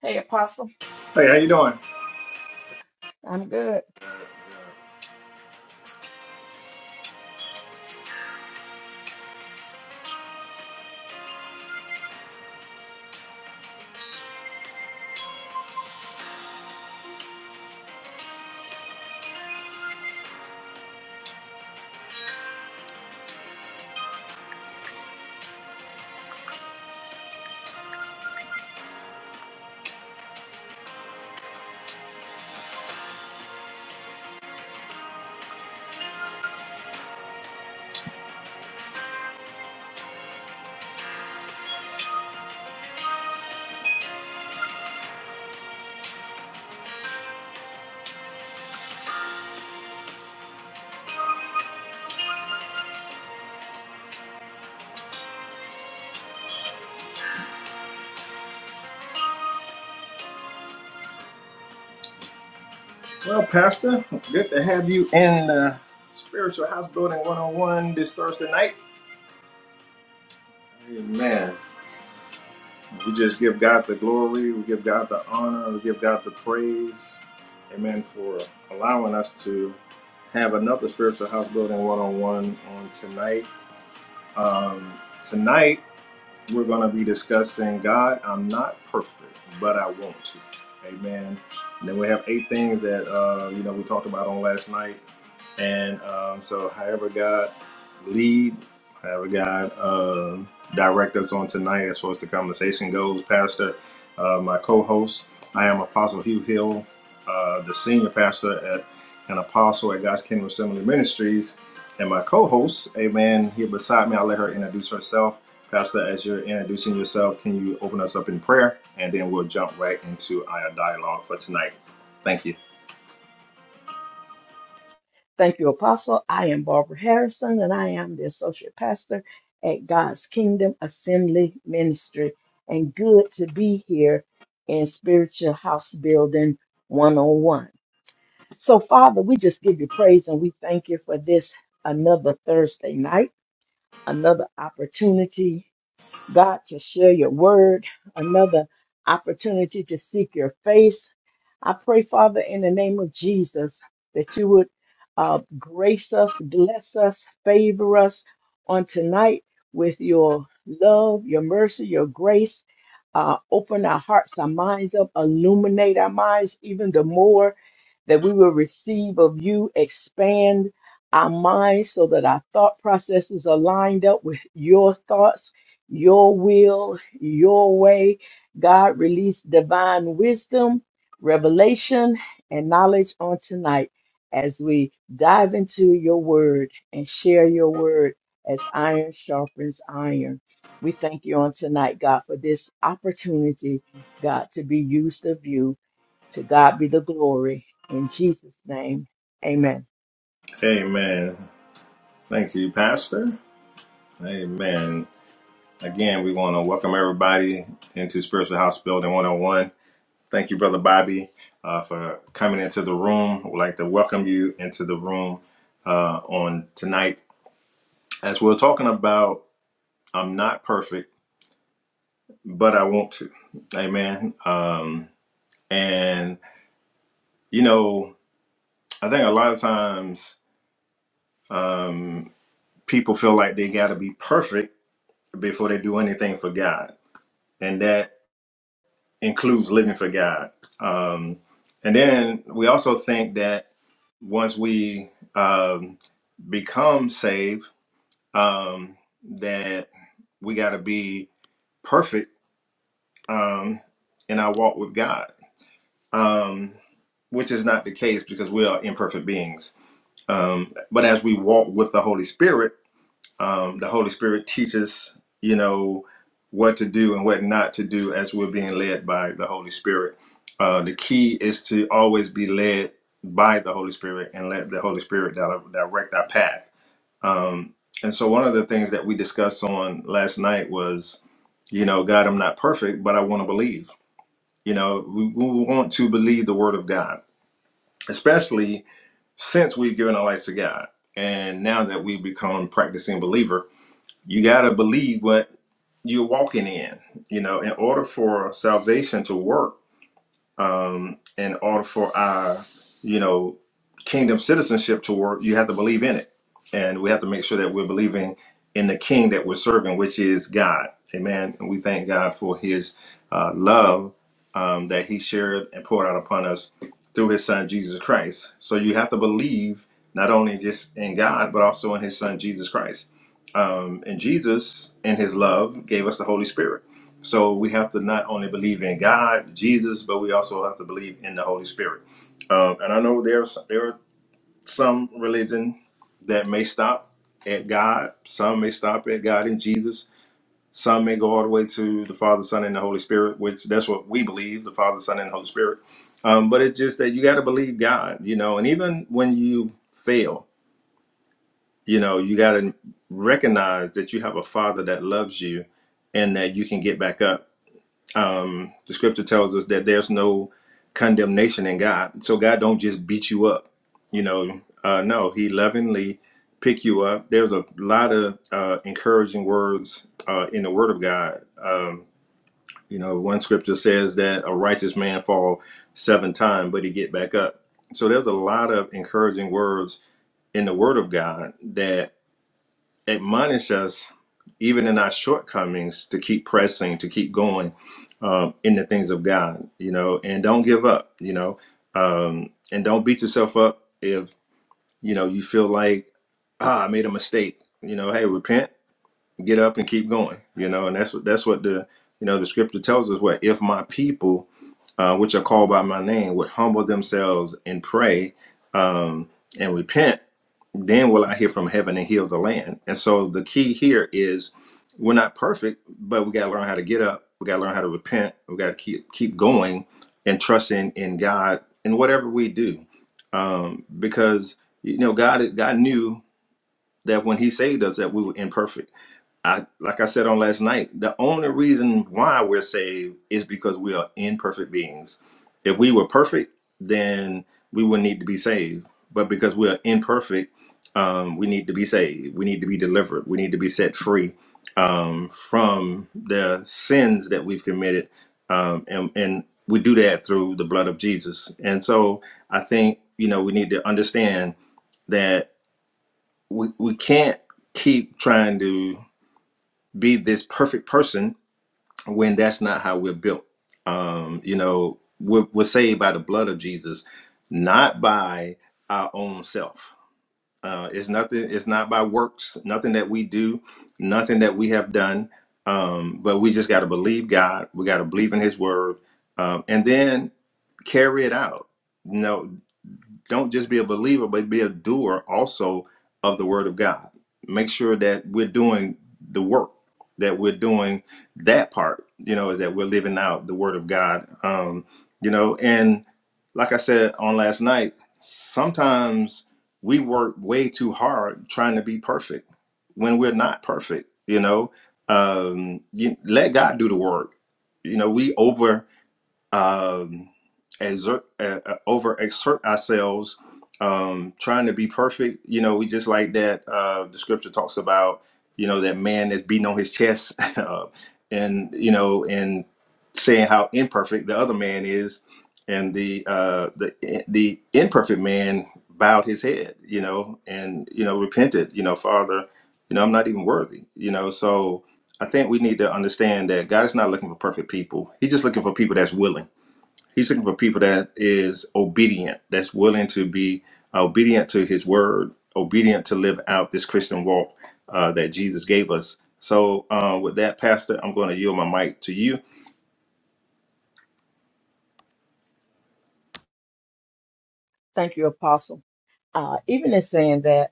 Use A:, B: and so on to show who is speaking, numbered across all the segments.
A: Hey, Apostle.
B: Hey, how you doing?
A: I'm good.
B: Well, Pastor, good to have you in uh, Spiritual House Building 101 this Thursday night. Amen. We just give God the glory, we give God the honor, we give God the praise. Amen for allowing us to have another Spiritual House Building 101 on tonight. Um, tonight, we're going to be discussing God, I'm not perfect, but I want to. Amen. And then we have eight things that, uh, you know, we talked about on last night And um, so, however God lead, however God uh, direct us on tonight, as far as the conversation goes, Pastor, uh, my co-host, I am Apostle Hugh Hill, uh, the senior pastor at an apostle at God's Kingdom Assembly Ministries, and my co-host, Amen, here beside me. I'll let her introduce herself. Pastor, as you're introducing yourself, can you open us up in prayer, and then we'll jump right into our dialogue for tonight. Thank you.
A: Thank you, Apostle. I am Barbara Harrison, and I am the Associate Pastor at God's Kingdom Assembly Ministry. And good to be here in Spiritual House Building 101. So, Father, we just give you praise and we thank you for this another Thursday night, another opportunity, God, to share your word, another opportunity to seek your face I pray, Father, in the name of Jesus, that you would uh, grace us, bless us, favor us on tonight with your love, your mercy, your grace. Uh, open our hearts, our minds up, illuminate our minds even the more that we will receive of you, expand our minds so that our thought processes are lined up with your thoughts, your will, your way. God, release divine wisdom revelation and knowledge on tonight as we dive into your word and share your word as iron sharpens iron. We thank you on tonight, God, for this opportunity, God, to be used of you. To God be the glory. In Jesus' name, amen.
B: Amen. Thank you, Pastor. Amen. Again, we want to welcome everybody into Spiritual House Building 101. Thank you, Brother Bobby, uh, for coming into the room. We'd like to welcome you into the room uh, on tonight. As we're talking about, I'm not perfect, but I want to. Amen. Um, and, you know, I think a lot of times um, people feel like they got to be perfect before they do anything for God. And that includes living for God. Um, and then we also think that once we um, become saved, um, that we got to be perfect um, in our walk with God, um, which is not the case because we are imperfect beings. Um, but as we walk with the Holy Spirit, um, the Holy Spirit teaches, you know, what to do and what not to do as we're being led by the Holy Spirit. Uh, the key is to always be led by the Holy Spirit and let the Holy Spirit di- direct our path. Um, and so, one of the things that we discussed on last night was, you know, God, I'm not perfect, but I want to believe. You know, we, we want to believe the Word of God, especially since we've given our life to God. And now that we've become practicing believer, you got to believe what you're walking in. You know, in order for salvation to work, in order for our, you know, kingdom citizenship to work, you have to believe in it. And we have to make sure that we're believing in the king that we're serving, which is God. Amen. And we thank God for his uh, love um, that he shared and poured out upon us through his son, Jesus Christ. So you have to believe not only just in God, but also in his son, Jesus Christ. Um, and Jesus, in his love, gave us the Holy Spirit so we have to not only believe in God, Jesus, but we also have to believe in the Holy Spirit. Um, and I know there's there are some religion that may stop at God. Some may stop at God and Jesus. Some may go all the way to the Father, Son, and the Holy Spirit, which that's what we believe: the Father, Son, and the Holy Spirit. Um, but it's just that you got to believe God, you know. And even when you fail, you know, you got to recognize that you have a Father that loves you, and that you can get back up The scripture tells us that there's no condemnation in God. So God don't just beat you up. You know, uh, no, He lovingly pick you up. There's a lot of uh, encouraging words uh, in the Word of God. You know, one scripture says that a righteous man fall seven times, but he get back up. So there's a lot of encouraging words in the Word of God that admonish us, even in our shortcomings, to keep pressing, to keep going um, in the things of God, you know, and don't give up, you know, and don't beat yourself up if, you know, you feel like, ah, I made a mistake, you know, hey, repent, get up and keep going, you know, and that's what, that's what the, you know, the scripture tells us what, if my people, uh, which are called by my name, would humble themselves and pray and repent then will I hear from heaven and heal the land. And so the key here is we're not perfect, but we got to learn how to get up. We got to learn how to repent. We got to keep keep going and trusting in God in whatever we do, because you know God God knew that when He saved us that we were imperfect I like I said on last night, the only reason why we're saved is because we are imperfect beings. If we were perfect, then we wouldn't need to be saved. But because we are imperfect, um, we need to be saved. We need to be delivered. We need to be set free um, from the sins that we've committed, um, and and we do that through the blood of Jesus. And so I think you know we need to understand that we we can't keep trying to be this perfect person when that's not how we're built. Um, you know, we're, we're saved by the blood of Jesus, not by our own self. Uh, it's nothing. It's not by works. Nothing that we do. Nothing that we have done. Um, but we just got to believe God. We got to believe in His word, um, and then carry it out. No don't just be a believer, but be a doer also of the word of God. Make sure that we're doing the work, that we're doing that part, you know, is that we're living out the word of God. Um, you know, and like I said on last night, sometimes we work way too hard trying to be perfect when we're not perfect, you know. Um, you, let God do the work. You know, we over um, exert, uh, uh, over exert ourselves, um, trying to be perfect. You know, we just like that. Uh, the scripture talks about, you know, that man that's beating on his chest, uh, and you know, and saying how imperfect the other man is, and the uh, the the imperfect man bowed his head, you know, and you know, repented. You know, Father, you know, I'm not even worthy. You know, so. I think we need to understand that God is not looking for perfect people. He's just looking for people that's willing He's looking for people that is obedient, that's willing to be obedient to His word, obedient to live out this Christian walk uh, that Jesus gave us. So, uh, with that, Pastor, I'm going to yield my mic to you.
A: Thank you, Apostle. Uh, even in saying that,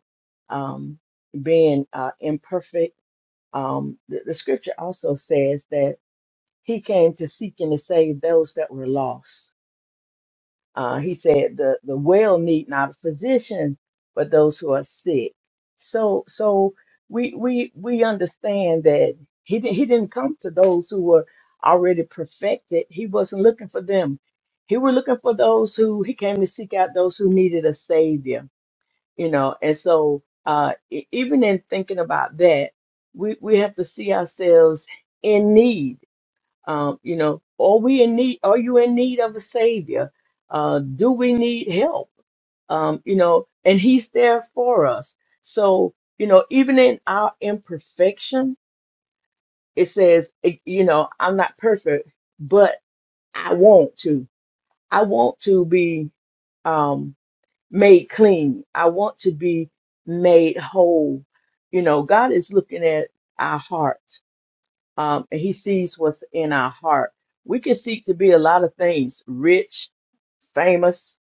A: um, being uh, imperfect, um, the the scripture also says that He came to seek and to save those that were lost. Uh, he said the, the well need not a physician, but those who are sick. So so we we we understand that he di- he didn't come to those who were already perfected. He wasn't looking for them. He was looking for those who he came to seek out those who needed a savior. You know, and so uh, e- even in thinking about that, we we have to see ourselves in need um, you know, are we in need? Are you in need of a savior? Uh, do we need help? Um, you know, and He's there for us. So you know, even in our imperfection, it says, it- you know, I'm not perfect, but I want to. I want to be um, made clean. I want to be made whole. You know, God is looking at our heart um, and he sees what's in our heart. We can seek to be a lot of things, rich, famous,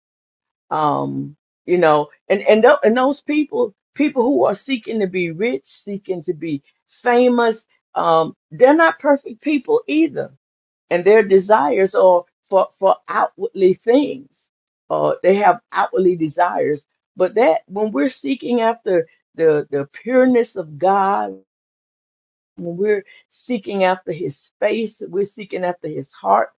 A: um, you know, and, and, tho- and those people, people who are seeking to be rich, seeking to be famous, um, they're not perfect people either. And their desires are for, for outwardly things. Uh, they have outwardly desires, but that when we're seeking after the, the pureness of God, when we're seeking after his face we're seeking after his heart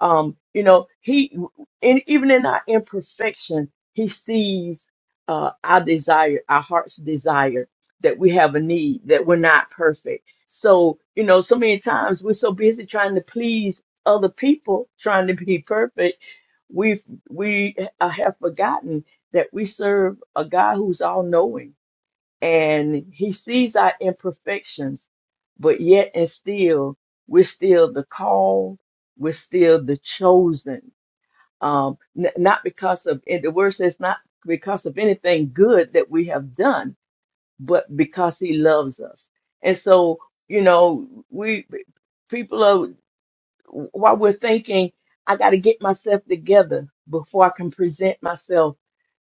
A: um you know he and even in our imperfection he sees uh our desire our heart's desire that we have a need that we're not perfect so you know so many times we're so busy trying to please other people trying to be perfect we've we uh, have forgotten that we serve a god who's all knowing and he sees our imperfections, but yet and still, we're still the called, we're still the chosen. Um, n- not because of, and the word says, not because of anything good that we have done, but because he loves us. And so, you know, we people are, while we're thinking, I got to get myself together before I can present myself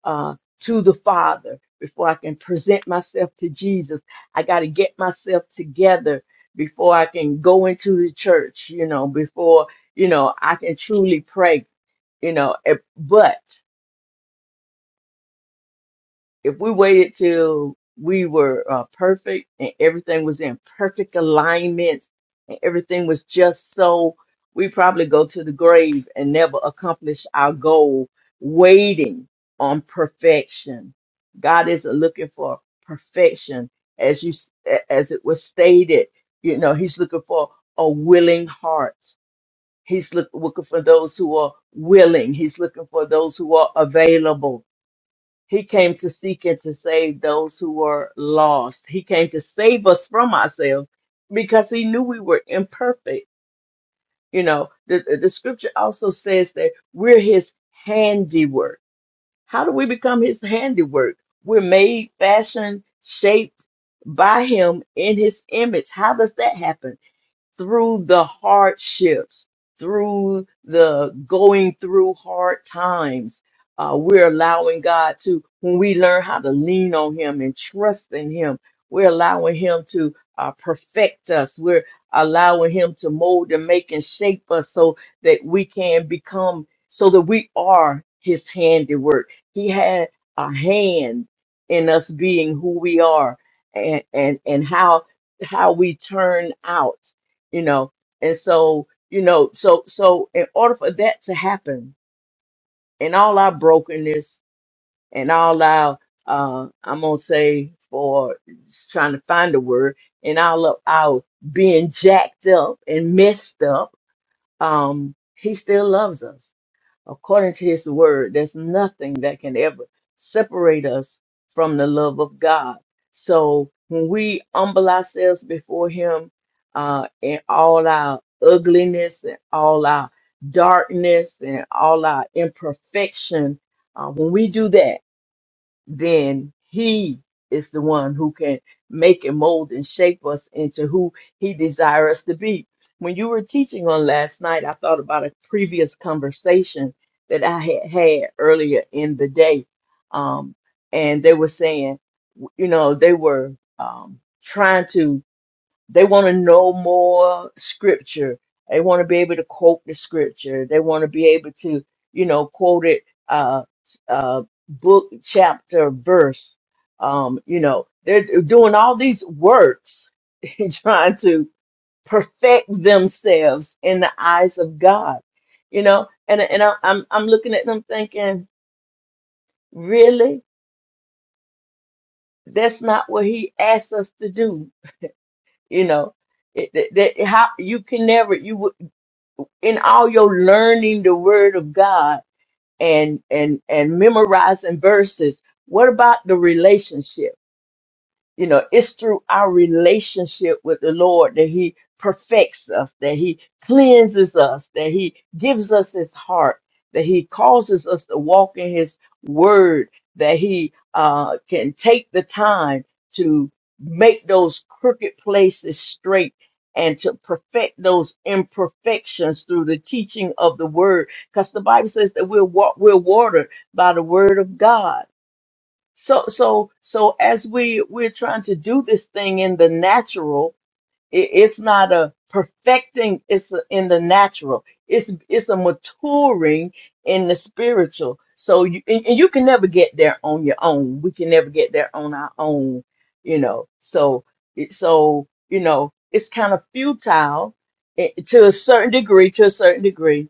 A: uh, to the Father before I can present myself to Jesus. I got to get myself together before I can go into the church, you know, before, you know, I can truly pray, you know. eh, But if we waited till we were uh, perfect and everything was in perfect alignment and everything was just so, we probably go to the grave and never accomplish our goal waiting on perfection. God isn't looking for perfection as you as it was stated. You know, he's looking for a willing heart. He's look, looking for those who are willing. He's looking for those who are available he came to seek and to save those who were lost. He came to save us from ourselves because he knew we were imperfect. You know, the, the scripture also says that we're his handiwork. How do we become his handiwork? We're made, fashioned, shaped by him in his image. How does that happen? through the hardships, through the going through hard times. Uh, we're allowing God to, when we learn how to lean on Him and trust in Him, we're allowing Him to uh, perfect us. We're allowing Him to mold and make and shape us so that we can become, so that we are His handiwork. He had a hand in us being who we are and, and, and how, how we turn out you know and so you know so so in order for that to happen and all our brokenness and all our uh i'm gonna say for just trying to find a word and all of our being jacked up and messed up um he still loves us according to his word. There's nothing that can ever separate us from the love of God. So when we humble ourselves before him uh, in all our ugliness and all our darkness and all our imperfection, uh, when we do that, then he is the one who can make and mold and shape us into who he desires us to be. When you were teaching on last night, I thought about a previous conversation that I had had earlier in the day. Um, and they were saying, you know, they were um, trying to they want to know more scripture. They want to be able to quote the scripture. They want to be able to, you know, quote it, uh, uh, book, chapter, verse. Um, you know, they're doing all these works in trying to perfect themselves in the eyes of God. You know, and and I, I'm I'm looking at them thinking, really, that's not what He asked us to do. You know, it, that, that- how you can never you would. in all your learning the word of God and and and memorizing verses, what about the relationship? You know, it's through our relationship with the Lord that He perfects us, that He cleanses us, that He gives us His heart, that He causes us to walk in His word, that He uh, can take the time to make those crooked places straight and to perfect those imperfections through the teaching of the word. Because the Bible says that we're, wa- we're watered by the word of God so, so, so as we we're trying to do this thing in the natural, it, it's not a perfecting. It's a, in the natural. It's it's a maturing in the spiritual. So you and, and you can never get there on your own. We can never get there on our own, you know. So it so you know it's kind of futile eh, to a certain degree. To a certain degree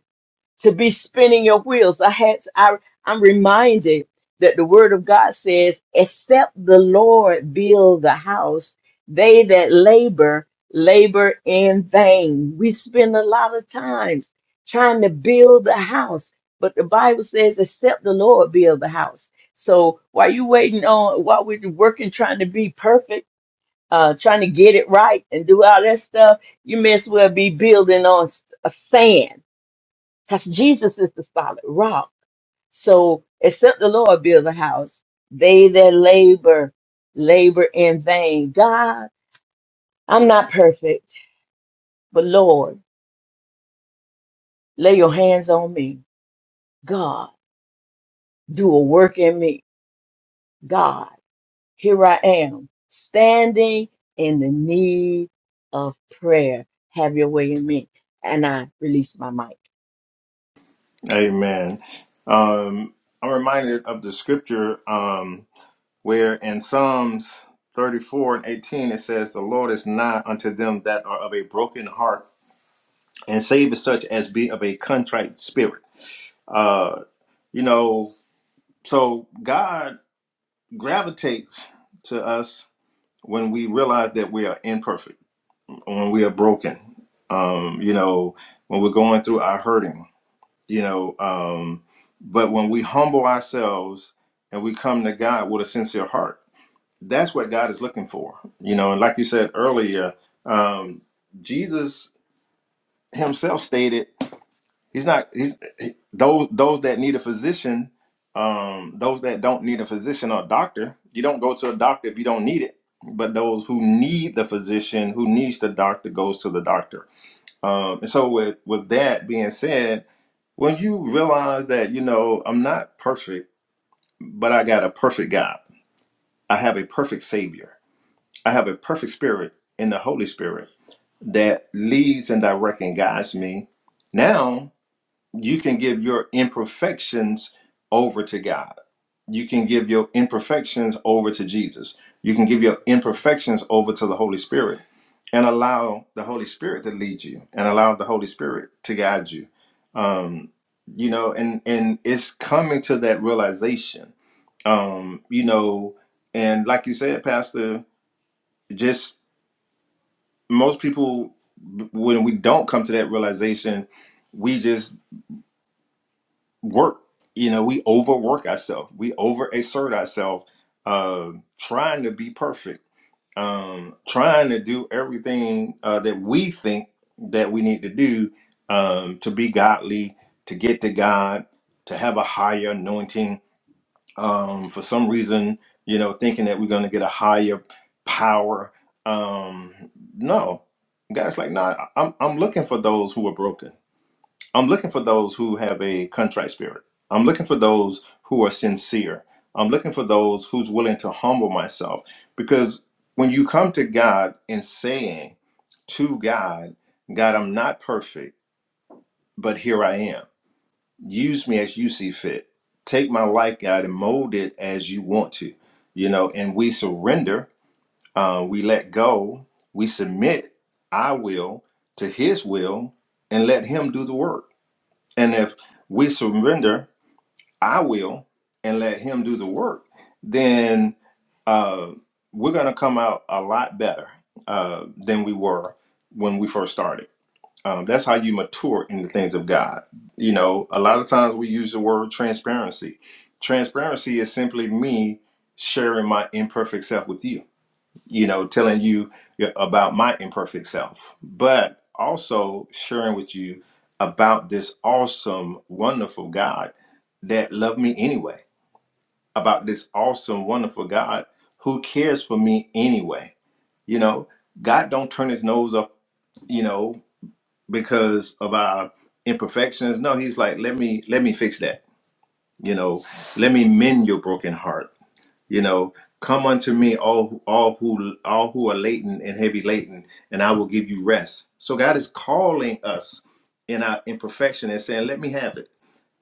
A: to be spinning your wheels. I had to, I, I'm reminded that the word of God says, except the Lord build the house, they that labor, labor in vain. We spend a lot of times trying to build the house, but the Bible says, except the Lord build the house. So while you waiting on, while we're working, trying to be perfect, uh, trying to get it right and do all that stuff, you may as well be building on s- sand because Jesus is the solid rock. So except the Lord build a house, they that labor, labor in vain. God, I'm not perfect, but Lord, lay your hands on me. God, do a work in me. God, here I am, standing in the need of prayer. Have your way in me. And I released my mic.
B: Amen. Um, I'm reminded of the scripture um, where in Psalms 34 and 18 it says, "The Lord is nigh unto them that are of a broken heart, and saveth such as be of a contrite spirit." Uh, you know, so God gravitates to us when we realize that we are imperfect, when we are broken, um, you know, when we're going through our hurting, you know. Um, but when we humble ourselves and we come to God with a sincere heart, that's what God is looking for, you know. And like you said earlier, um, Jesus Himself stated. He's not. He's he, those those that need a physician. Um, those that don't need a physician or a doctor. You don't go to a doctor if you don't need it. But those who need the physician, who needs the doctor, goes to the doctor. Um, and so with with that being said, when you realize that you know I'm not perfect, but I got a perfect God. I have a perfect Savior. I have a perfect Spirit in the Holy Spirit that leads and directs and guides me. Now you can give your imperfections over to God. You can give your imperfections over to Jesus. You can give your imperfections over to the Holy Spirit and allow the Holy Spirit to lead you and allow the Holy Spirit to guide you. Um, you know, and and it's coming to that realization. Um, you know, and like you said, Pastor, just most people when we don't come to that realization, we just. work. You know, we overwork ourselves. We overexert ourselves, uh, trying to be perfect, um, trying to do everything uh, that we think that we need to do um, to be godly, to get to God, to have a higher anointing. Um, for some reason, you know, thinking that we're going to get a higher power. Um, no, God's like, no, nah, I'm I'm looking for those who are broken. I'm looking for those who have a contrite spirit. I'm looking for those who are sincere. I'm looking for those who's willing to humble myself because when you come to God and saying to God, God, I'm not perfect, but here I am. Use me as you see fit. Take my life, God, and mold it as you want to. You know, and we surrender, uh, we let go, we submit our will to His will, and let Him do the work and if we surrender our will and let Him do the work, then uh, we're going to come out a lot better uh, than we were when we first started. Um, that's how you mature in the things of God. You know, a lot of times we use the word transparency. Transparency is simply me sharing my imperfect self with you you know, telling you about my imperfect self, but also sharing with you about this awesome, wonderful God that loved me anyway, about this awesome, wonderful God who cares for me anyway. You know, God don't turn his nose up, you know, because of our imperfections. No, he's like, let me let me fix that. You know, let me mend your broken heart you know, come unto me, all all who all who are laden and heavy laden, and I will give you rest. So God is calling us in our imperfection and saying, "Let me have it."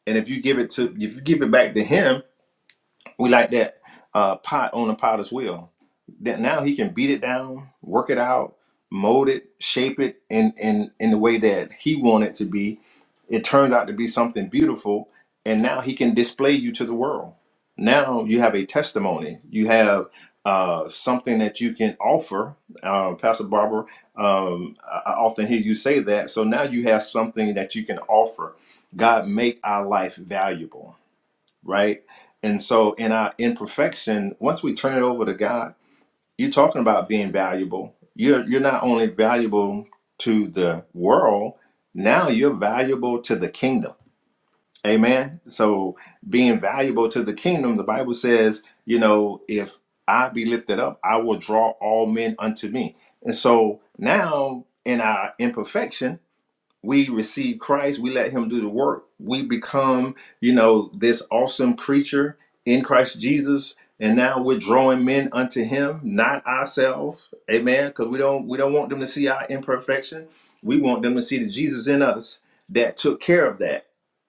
B: And if you give it to, if you give it back to Him, we like that uh, pot on the potter's wheel. That now he can beat it down, work it out, mold it, shape it in in in the way that he wanted to be. It turns out to be something beautiful, and now he can display you to the world. Now you have a testimony. You have uh, something that you can offer. Uh, Pastor Barbara, um, I I often hear you say that. So now you have something that you can offer. God, make our life valuable right? And so in our imperfection, once we turn it over to God, you're talking about being valuable. You're you're not only valuable to the world, now you're valuable to the kingdom. Amen. So being valuable to the kingdom, the Bible says, you know, if I be lifted up, I will draw all men unto me. And so now in our imperfection, we receive Christ, we let him do the work, we become, you know, this awesome creature in Christ Jesus, and now we're drawing men unto him, not ourselves. Amen. Because we don't we don't want them to see our imperfection. We want them to see the Jesus in us that took care of that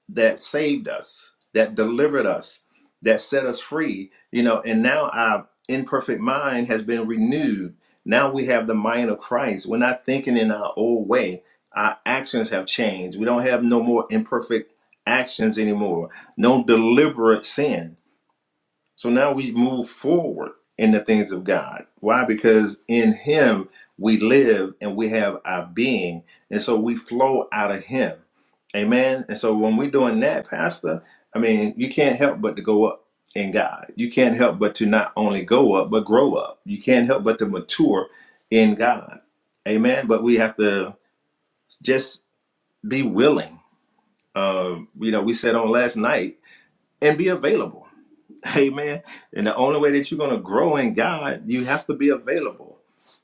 B: that saved us, that delivered us, that set us free, you know, and now our imperfect mind has been renewed. Now we have the mind of Christ. We're not thinking in our old way. Our actions have changed. We don't have no more imperfect actions anymore, no deliberate sin so now we move forward in the things of God. Why? Because in Him we live and we have our being. And so we flow out of Him. Amen. And so when we're doing that, Pastor, I mean, you can't help but to go up in God. You can't help but to not only go up, but grow up. You can't help but to mature in God. Amen. But we have to just be willing. Um, you know, we said on last night and be available. Amen. And the only way that you're going to grow in God, you have to be available.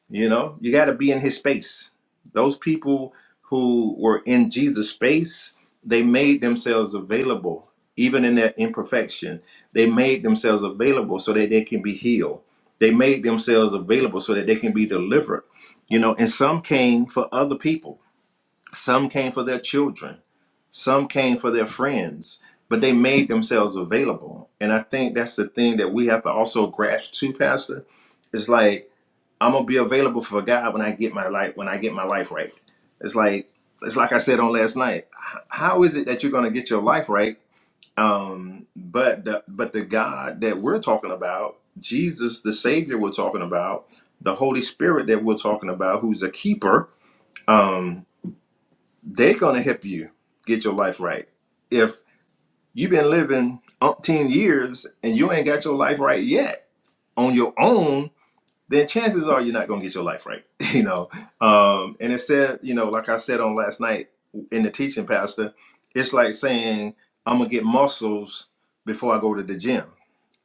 B: You know, you got to be in His space. Those people who were in Jesus' space, they made themselves available, even in their imperfection. They made themselves available so that they can be healed. They made themselves available so that they can be delivered. You know, and some came for other people, some came for their children, some came for their friends, but they made themselves available. And I think that's the thing that we have to also grasp too, Pastor. It's like I'm gonna be available for God when I get my life when I get my life right. It's like it's like I said on last night. H- How is it that you're gonna get your life right? Um, but the, but the God that we're talking about, Jesus, the Savior we're talking about, the Holy Spirit that we're talking about, who's a keeper, um, they're gonna help you get your life right You've been living umpteen years and you ain't got your life right yet on your own, then chances are you're not gonna get your life right. you know. Um, and it said, you know, like I said on last night in the teaching, Pastor, it's like saying, I'm gonna get muscles before I go to the gym.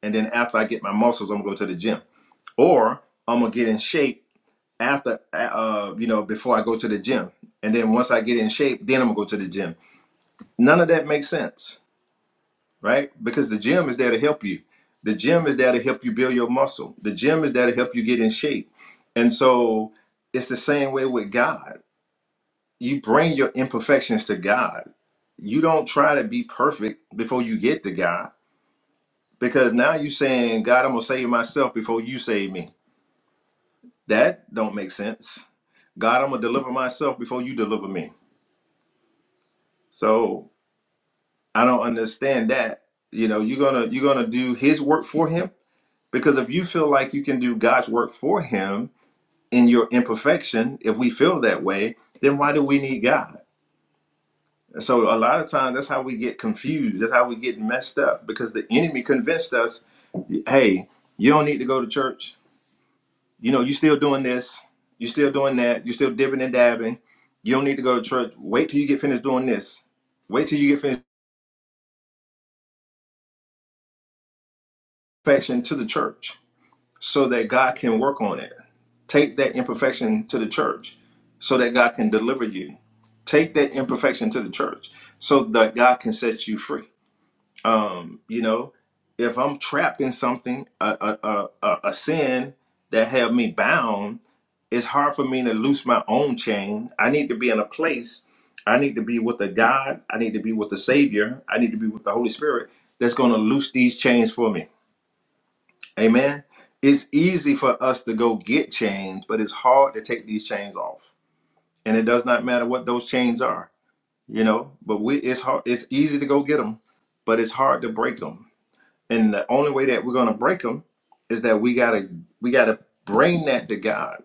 B: And then after I get my muscles, I'm gonna go to the gym. Or I'm gonna get in shape after uh, you know, before I go to the gym. And then once I get in shape, then I'm gonna go to the gym. None of that makes sense right? Because the gym is there to help you. The gym is there to help you build your muscle. The gym is there to help you get in shape. And so it's the same way with God. You bring your imperfections to God. You don't try to be perfect before you get to God because now you're saying, God, I'm going to save myself before you save me. That don't make sense. God, I'm going to deliver myself before you deliver me. So I don't understand that. You know, you're going to you're going to do his work for him Because if you feel like you can do God's work for him in your imperfection, if we feel that way, then why do we need God? So a lot of times that's how we get confused. That's how we get messed up because the enemy convinced us, hey, you don't need to go to church. You know, you are still doing this, you are still doing that, you are still dipping and dabbing. You don't need to go to church. Wait till you get finished doing this. Wait till you get finished perfection to the church so that God can work on it. Take that imperfection to the church so that God can deliver you. Take that imperfection to the church so that God can set you free. Um, you know, if I'm trapped in something, a, a, a, a a sin that held me bound, it's hard for me to loose my own chain. I need to be in a place. I need to be with a God. I need to be with the Savior. I need to be with the Holy Spirit that's going to loose these chains for me Amen. It's easy for us to go get change, but it's hard to take these chains off. And it does not matter what those chains are, you know. But we, it's hard. It's easy to go get them, but it's hard to break them. And the only way that we're gonna break them is that we gotta we gotta bring that to God.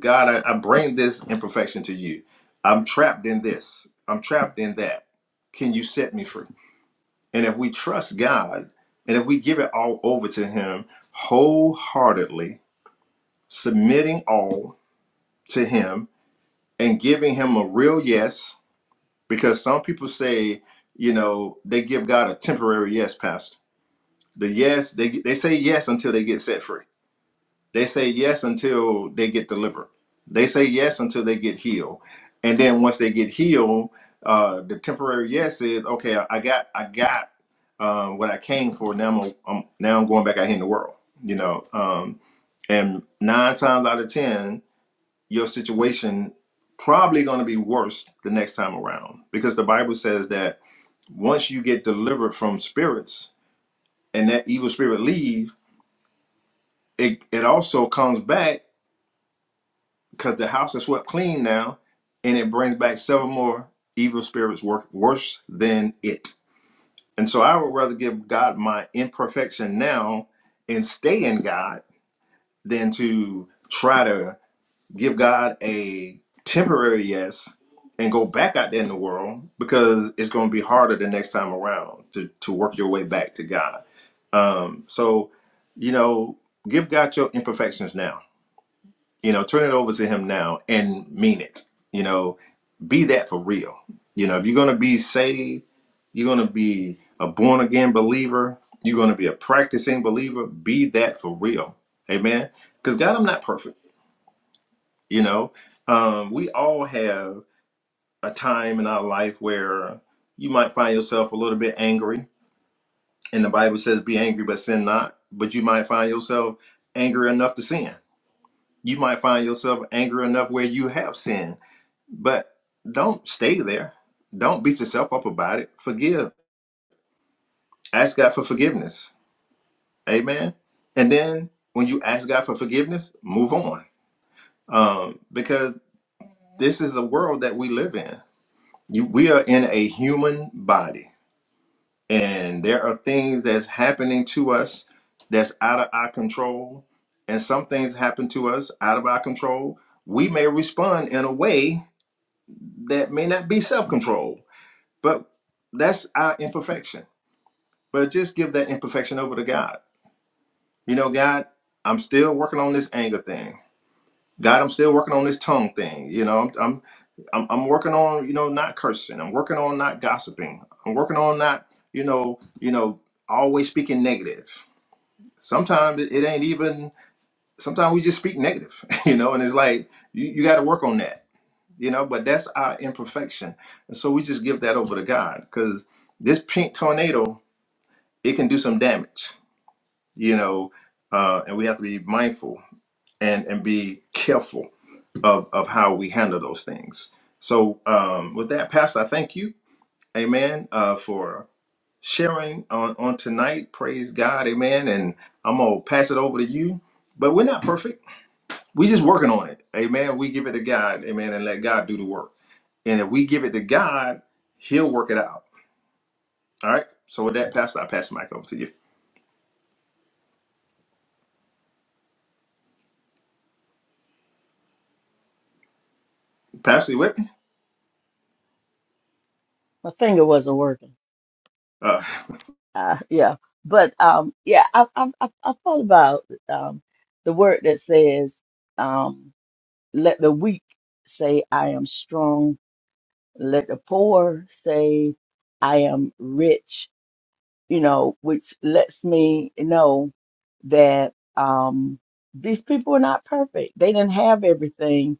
B: God, I, I bring this imperfection to you. I'm trapped in this. I'm trapped in that. Can you set me free? And if we trust God, and if we give it all over to Him wholeheartedly, submitting all to him and giving him a real yes because some people say you know they give god a temporary yes pastor the yes they they say yes until they get set free they say yes until they get delivered they say yes until they get healed and then once they get healed uh the temporary yes is okay i I got i got um what i came for now i'm, a, I'm now i'm going back out here in the world you know um and nine times out of ten your situation probably going to be worse the next time around because the bible says that once you get delivered from spirits and that evil spirit leave it, it also comes back because the house is swept clean now and it brings back seven more evil spirits work worse than it and so i would rather give god my imperfection now and stay in god than to try to give God a temporary yes and go back out there in the world because it's going to be harder the next time around to, to work your way back to God. Um, so, you know, give God your imperfections now. You know, turn it over to Him now and mean it. You know, be that for real. You know, if you're going to be saved, you're going to be a born again believer, you're going to be a practicing believer, be that for real. Amen. Because God, I'm not perfect. You know, um, we all have a time in our life where you might find yourself a little bit angry, and the Bible says, "Be angry, but sin not." But you might find yourself angry enough to sin. You might find yourself angry enough where you have sinned, but don't stay there. Don't beat yourself up about it. Forgive. Ask God for forgiveness. Amen. And then when you ask God for forgiveness, move on, um, because this is the world that we live in You, we are in a human body, and there are things that's happening to us that's out of our control, and some things happen to us out of our control. We may respond in a way that may not be self control, but that's our imperfection. But just give that imperfection over to God. You know, God, I'm still working on this anger thing. God, I'm still working on this tongue thing. You know, I'm I'm I'm, I'm working on you know not cursing. I'm working on not gossiping. I'm working on not you know you know always speaking negative. Sometimes it, it ain't even. Sometimes we just speak negative. You know, and it's like you, you got to work on that. You know, but that's our imperfection, and so we just give that over to God because this pink tornado it can do some damage. You know, uh, and we have to be mindful and and be careful of of how we handle those things. So um, with that, Pastor, I thank you, Amen, uh, for sharing on on tonight. Praise God, Amen. And I'm gonna pass it over to you. But we're not perfect. we are just working on it, Amen. We give it to God, Amen, and let God do the work. And if we give it to God, He'll work it out. All right. So with that, Pastor, I pass the mic over to you. Pastor, you with me?
A: My finger wasn't working.
B: Uh,
A: uh, yeah, but um, yeah, I I I I thought about um the word that says um let the weak say I am strong, let the poor say I am rich, you know, which lets me know that um these people are not perfect. They didn't have everything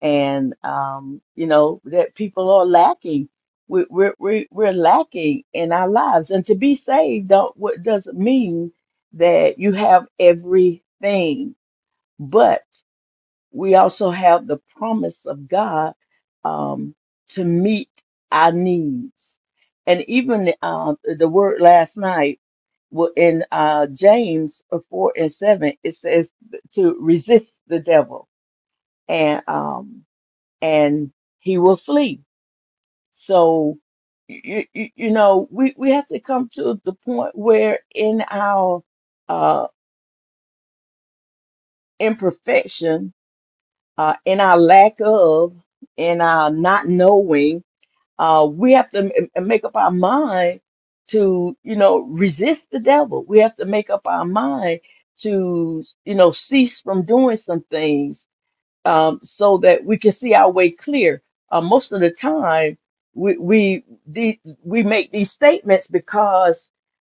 A: and um, you know that people are lacking. We're we're we're we're lacking in our lives, and to be saved don't what doesn't mean that you have everything, but we also have the promise of God um, to meet our needs, and even uh, the word last night wa- in uh, James four and seven it says to resist the devil, and um, and he will flee. So, you, you, you know, we, we have to come to the point where in our uh, imperfection, uh, in our lack of, in our not knowing, uh, we have to m- m- make up our mind to, you know, resist the devil. We have to make up our mind to, you know, cease from doing some things um, so that we can see our way clear. Uh, most of the time, we we the, we make these statements because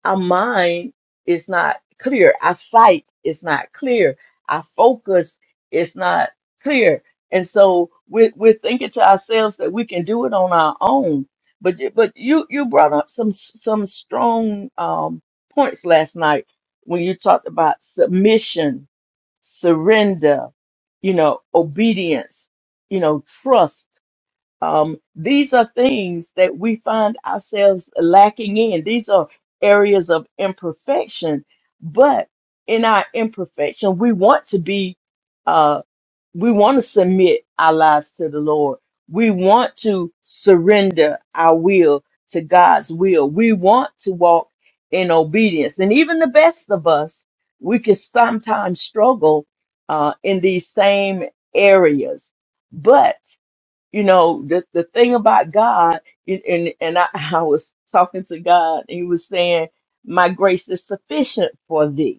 A: our mind is not clear, our sight is not clear, our focus is not clear, and so we're, we're thinking to ourselves that we can do it on our own. But you- but you you brought up some some strong um, points last night when you talked about submission surrender, you know, obedience, you know, trust. Um, these are things that we find ourselves lacking in. These are areas of imperfection, but in our imperfection, we want to be uh, we want to submit our lives to the Lord. We want to surrender our will to God's will. We want to walk in obedience. And even the best of us, we can sometimes struggle uh, in these same areas. But, you know, the, the thing about God, and, and, and I, I was talking to God, and He was saying, My grace is sufficient for thee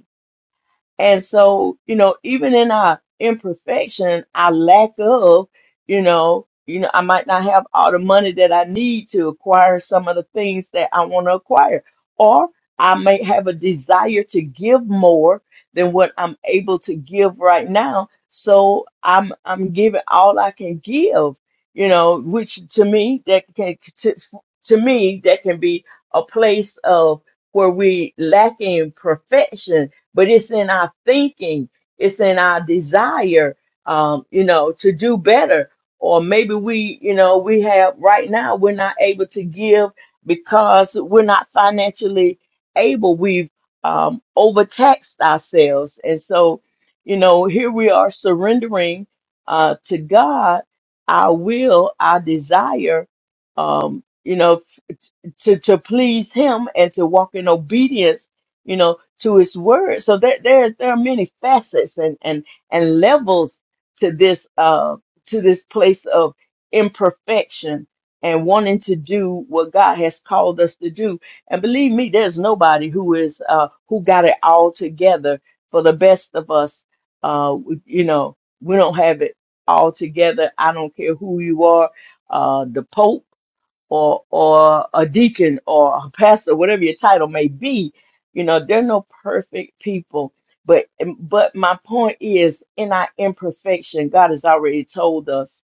A: and so, you know, even in our imperfection, our lack of, you know, you know, I might not have all the money that I need to acquire some of the things that I want to acquire. Or I may have a desire to give more than what I'm able to give right now. So I'm I'm giving all I can give, you know, which to me that can to, to me that can be a place of where we lacking perfection but it's in our thinking, it's in our desire, um, you know, to do better. Or maybe we, you know, we have right now, we're not able to give because we're not financially able. We've um, overtaxed ourselves. And so, you know, here we are surrendering uh, to God our will, our desire, um, you know, to to please him and to walk in obedience you know to his word so there there, there are many facets and and and levels to this uh to this place of imperfection and wanting to do what God has called us to do and believe me there's nobody who is uh who got it all together for the best of us uh we- you know we don't have it all together i don't care who you are uh the pope or or a deacon or a pastor, whatever your title may be, you know, they're no perfect people. But but my point is, in our imperfection, God has already told us,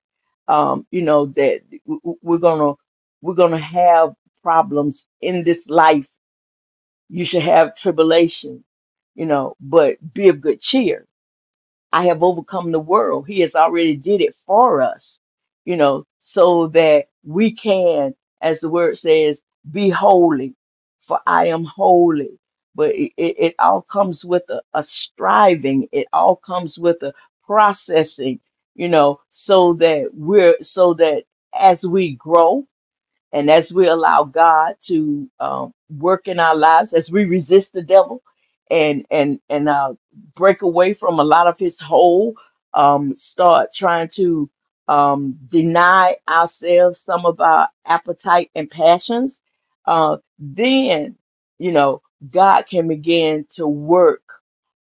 A: um, you know, that w- w- we're gonna we're gonna have problems in this life. You should have tribulation, you know, but be of good cheer I have overcome the world. He has already did it for us, you know, so that we can, as the word says, be holy, for I am holy. But it, it, it all comes with a, a striving. It all comes with a processing, you know, so that we're, so that as we grow, and as we allow God to um, work in our lives, as we resist the devil and and and uh, break away from a lot of his hold, um, start trying to um, deny ourselves some of our appetite and passions, uh, then you know God can begin to work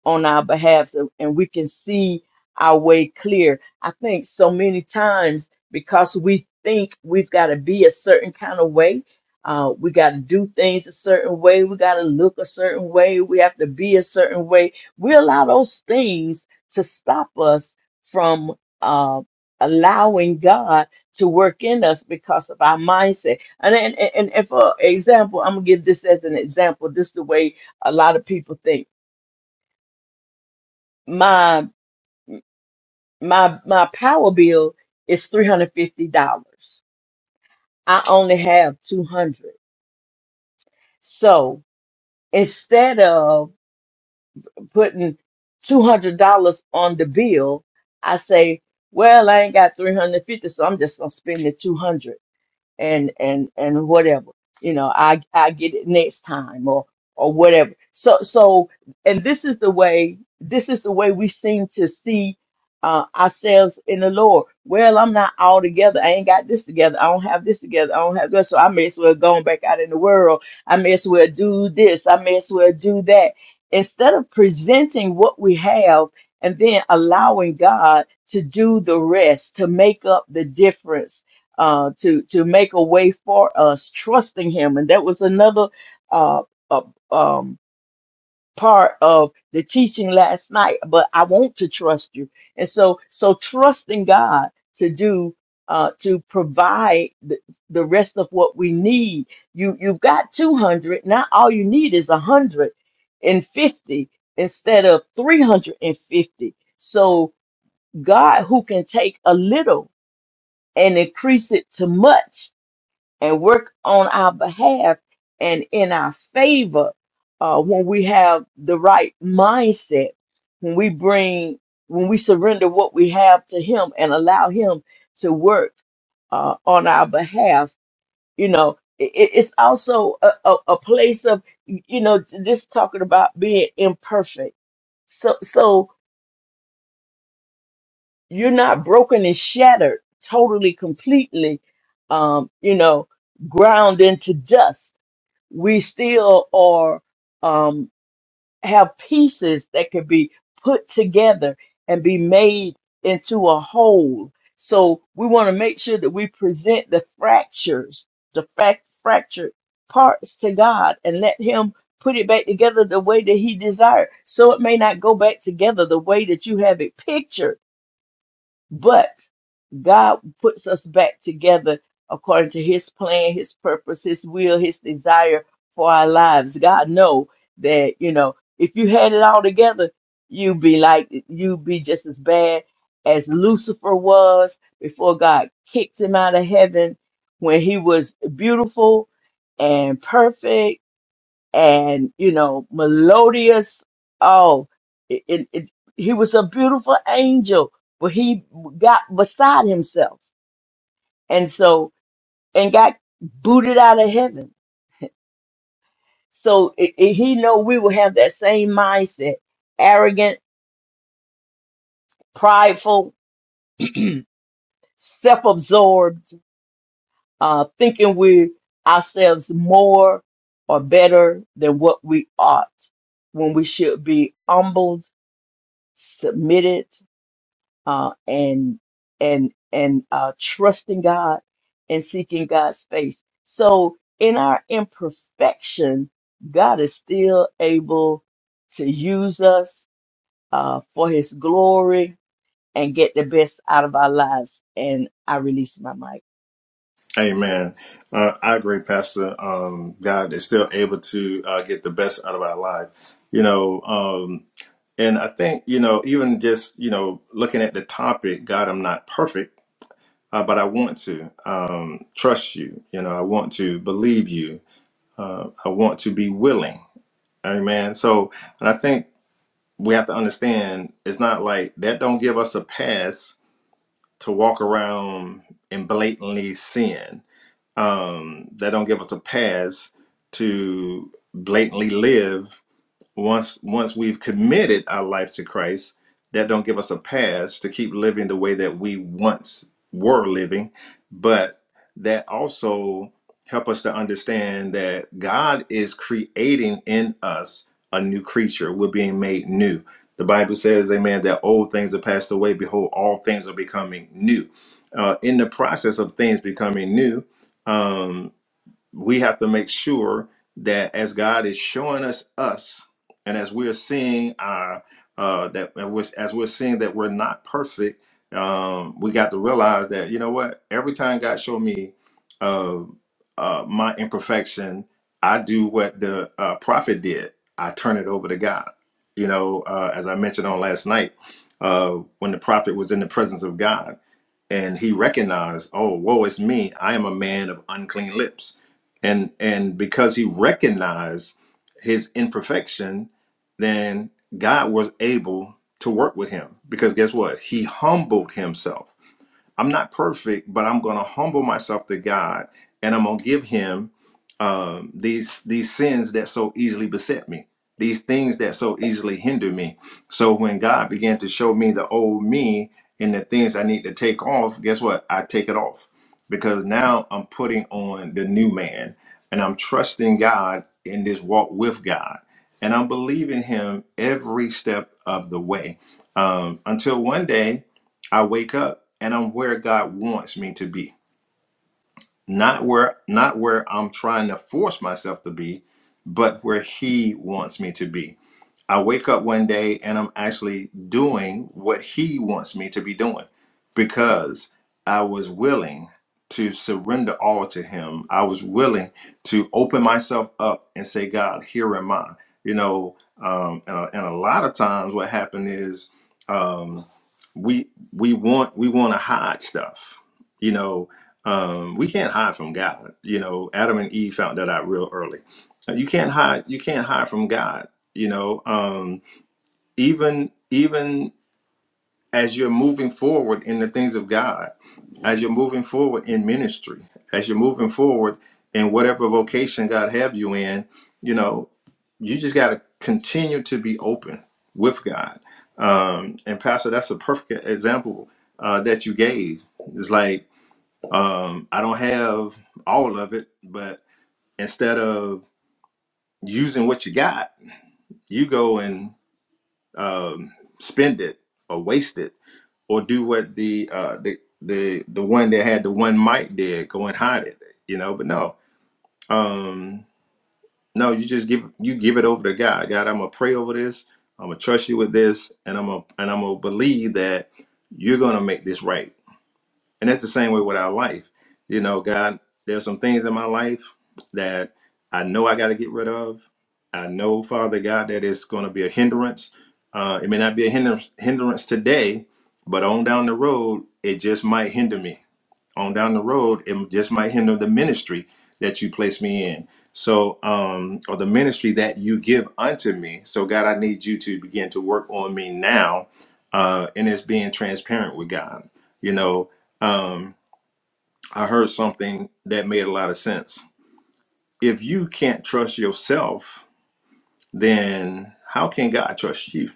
A: on our behalf, so, and we can see our way clear. I think so many times because we think we've got to be a certain kind of way. Uh, we got to do things a certain way. We got to look a certain way. We have to be a certain way. We allow those things to stop us from uh, allowing God to work in us because of our mindset. And, and, and, and for example, I'm going to give this as an example. This is the way a lot of people think. My, my, my power bill is $350. I only have 200 So instead of putting $200 on the bill, I say, well, I ain't got 350, so I'm just going to spend the 200 and and and whatever you know i i get it next time or or whatever so so and this is the way this is the way we seem to see uh, ourselves in the lord well i'm not all together i ain't got this together i don't have this together i don't have this so i may as well go back out in the world i may as well do this i may as well do that instead of presenting what we have and then allowing god to do the rest to make up the difference uh, to to make a way for us, trusting Him, and that was another uh, uh, um, part of the teaching last night. But I want to trust you, and so so trusting God to do uh, to provide the, the rest of what we need. You you've got two hundred now. All you need is a hundred and fifty instead of three hundred and fifty. So God, who can take a little and increase it to much and work on our behalf and in our favor uh, when we have the right mindset, when we bring, when we surrender what we have to Him and allow Him to work uh, on our behalf. You know, it, it's also a, a, a place of, you know, just talking about being imperfect. So, so you're not broken and shattered totally, completely. Um, you know, ground into dust we still are um, have pieces that can be put together and be made into a whole. So we want to make sure that we present the fractures, the fact fractured parts to God and let Him put it back together the way that He desired. So it may not go back together the way that you have it pictured but God puts us back together according to his plan, his purpose, his will, his desire for our lives. God know that, you know, if you had it all together, you'd be like you'd be just as bad as Lucifer was before God kicked him out of heaven when he was beautiful and perfect and you know melodious oh it, it, it, he was a beautiful angel but he got beside himself and so and got booted out of heaven so it, it- he know we will have that same mindset arrogant prideful self-absorbed uh, thinking we ourselves more or better than what we ought when we should be humbled submitted uh, and and and uh, trusting God and seeking God's face. So in our imperfection, God is still able to use us uh, for His glory and get the best out of our lives. And I release my mic.
B: Amen. Uh, I agree, Pastor. Um, God is still able to uh, get the best out of our life, you know. Um, and I think, you know, even just, you know, looking at the topic, God, I'm not perfect, uh, but I want to um, trust you. You know, I want to believe you. Uh, I want to be willing. Amen. So, and I think we have to understand it's not like that don't give us a pass to walk around and blatantly sin um, that don't give us a pass to blatantly live once once we've committed our life to Christ, that don't give us a pass to keep living the way that we once were living, but that also help us to understand that God is creating in us a new creature. We're being made new. The Bible says, "Amen." That old things are passed away. Behold, all things are becoming new. Uh, in the process of things becoming new, um, we have to make sure that as God is showing us us, and as we are seeing our uh, that and we're- as we're seeing that we're not perfect, um, we got to realize that you know what? Every time God showed me uh, uh, my imperfection, I do what the uh, prophet did. I turn it over to God. You know, uh, as I mentioned on last night, uh, when the prophet was in the presence of God and he recognized, oh, woe is me, I am a man of unclean lips. And and because he recognized his imperfection, then God was able to work with him. Because guess what? He humbled himself. I'm not perfect, but I'm gonna humble myself to God and I'm gonna give him um, these these sins that so easily beset me, these things that so easily hinder me. So when God began to show me the old me and the things I need to take off, guess what? I take it off because now I'm putting on the new man and I'm trusting God in this walk with God and I'm believing Him every step of the way um, until one day I wake up and I'm where God wants me to be not where not where I'm trying to force myself to be, but where he wants me to be. I wake up one day and I'm actually doing what he wants me to be doing because I was willing to surrender all to him. I was willing to open myself up and say, God, here am I. You know, um, and, a, and a lot of times what happened is um, we we want we want to hide stuff you know um we can't hide from god you know adam and eve found that out real early Uh, you can't hide you can't hide from god you know um even even as you're moving forward in the things of god as you're moving forward in ministry as you're moving forward in whatever vocation god have you in you know you just got to continue to be open with God. Um, and Pastor, that's a perfect example uh, that you gave. It's like um, I don't have all of it, but instead of using what you got, you go and um, spend it or waste it or do what the uh, the the the one that had the one mic did, go and hide it. You know, but no. Um, No, you just give you give it over to God. God, I'm gonna pray over this. I'm gonna trust you with this, and I'm gonna and I'm gonna believe that you're gonna make this right. And that's the same way with our life. You know, God, there's some things in my life that I know I got to get rid of. I know, Father God, that it's gonna be a hindrance. Uh, it may not be a hinder- hindrance today, but on down the road, it just might hinder me on down the road, it just might hinder the ministry that you place me in. So, um, or the ministry that you give unto me. So, God, I need you to begin to work on me now. Uh, and it's being transparent with God. You know, um, I heard something that made a lot of sense. If you can't trust yourself, then how can God trust you?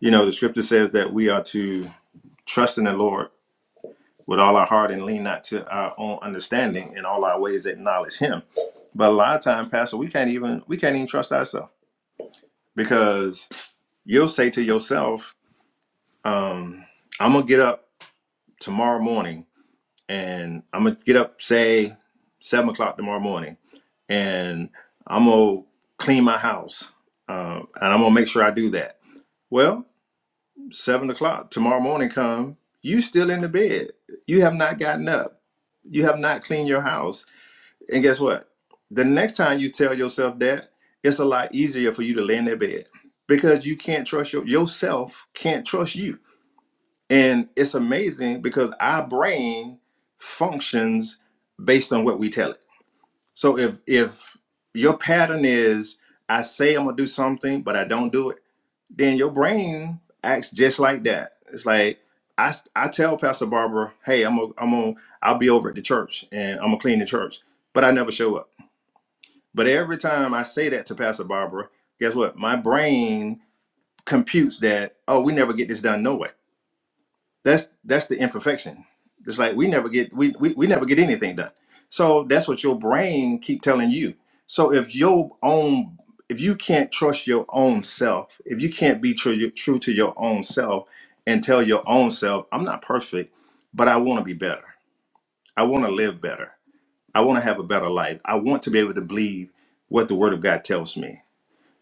B: You know, the scripture says that we are to trust in the Lord with all our heart and lean not to our own understanding in all our ways acknowledge him but a lot of time pastor we can't even we can't even trust ourselves because you'll say to yourself um, i'm gonna get up tomorrow morning and i'm gonna get up say seven o'clock tomorrow morning and i'm gonna clean my house um, and i'm gonna make sure i do that well seven o'clock tomorrow morning come you still in the bed you have not gotten up you have not cleaned your house And guess what? The next time you tell yourself that, it's a lot easier for you to lay in that bed because you can't trust your, yourself, can't trust you. And it's amazing because our brain functions based on what we tell it. So if if your pattern is I say I'm gonna do something, but I don't do it, then your brain acts just like that. It's like I, I tell Pastor Barbara, hey, I'm gonna I'm gonna I'll be over at the church and I'm gonna clean the church, but I never show up but every time I say that to Pastor Barbara, guess what? My brain computes that, oh, we never get this done no way. That's that's the imperfection. It's like we never get we we, we never get anything done. So that's what your brain keep telling you. So if your own if you can't trust your own self, if you can't be true true to your own self and tell your own self, I'm not perfect, but I want to be better. I want to live better. I want to have a better life. I want to be able to believe what the word of God tells me.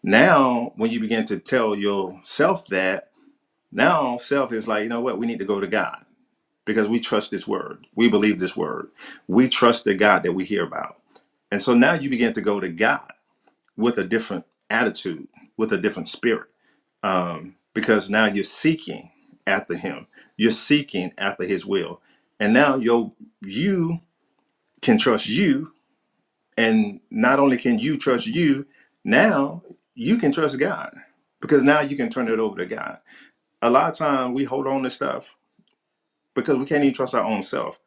B: Now, when you begin to tell yourself that, now self is like, you know what, we need to go to God because we trust this word. We believe this word. We trust the God that we hear about. And so now you begin to go to God with a different attitude, with a different spirit, um, because now you're seeking after Him, you're seeking after His will. And now your you can trust you. And not only can you trust you, now you can trust God because now you can turn it over to God. a lot of times we hold on to stuff because we can't even trust our own self.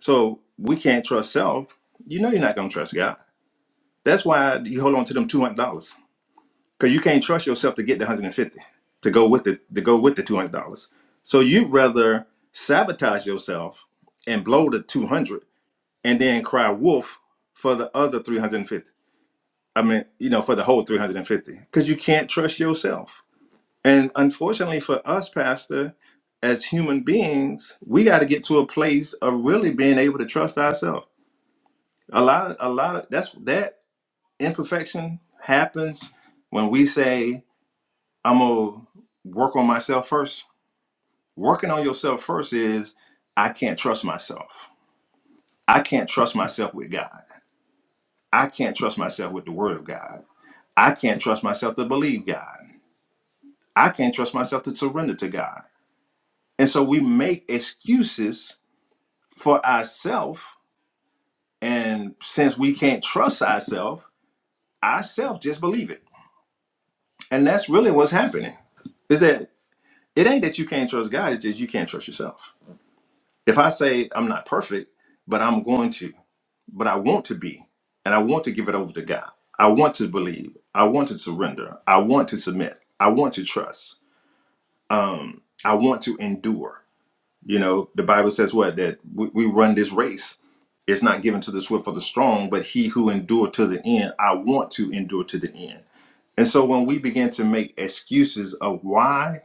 B: So we can't trust self. You know you're not gonna trust God. That's why you hold on to them two hundred dollars because you can't trust yourself to get the hundred and fifty to go with the to go with the two hundred dollars. So you'd rather sabotage yourself and blow the two hundred and then cry wolf for the other three hundred and fifty. I mean, you know, for the whole three hundred and fifty because you can't trust yourself And unfortunately for us, Pastor, as human beings, we got to get to a place of really being able to trust ourselves. A lot of, a lot of that's that imperfection happens when we say, I'm gonna work on myself first. Working on yourself first is, I can't trust myself. I can't trust myself with God. I can't trust myself with the Word of God. I can't trust myself to believe God. I can't trust myself to surrender to God. And so we make excuses for ourselves. And since we can't trust ourselves, ourselves just believe it. And that's really what's happening. Is that it ain't that you can't trust God, it's just you can't trust yourself. If I say I'm not perfect, but I'm going to, but I want to be, and I want to give it over to God. I want to believe. I want to surrender. I want to submit. I want to trust. I want to endure. You know, the Bible says what? That we, we run this race. It's not given to the swift or the strong, but he who endure to the end. I want to endure to the end. And so when we begin to make excuses of why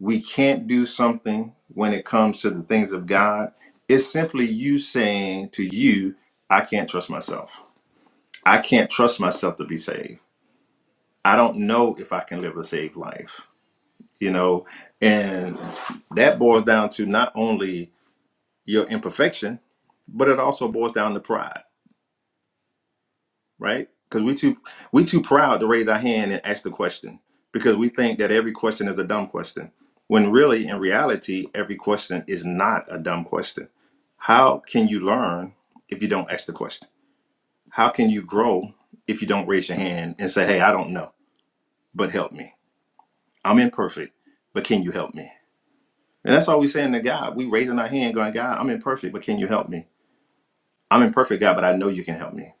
B: we can't do something when it comes to the things of God, it's simply you saying to you, I can't trust myself. I can't trust myself to be saved. I don't know if I can live a saved life. You know, and that boils down to not only your imperfection, but it also boils down to pride, right? Because we too we too proud to raise our hand and ask the question because we think that every question is a dumb question. When really, in reality, every question is not a dumb question. How can you learn if you don't ask the question? How can you grow if you don't raise your hand and say, "Hey, I don't know, but help me. I'm imperfect, but can you help me?" And that's all we saying to God. We raising our hand, going, "God, I'm imperfect, but can you help me? I'm imperfect, God, but I know you can help me."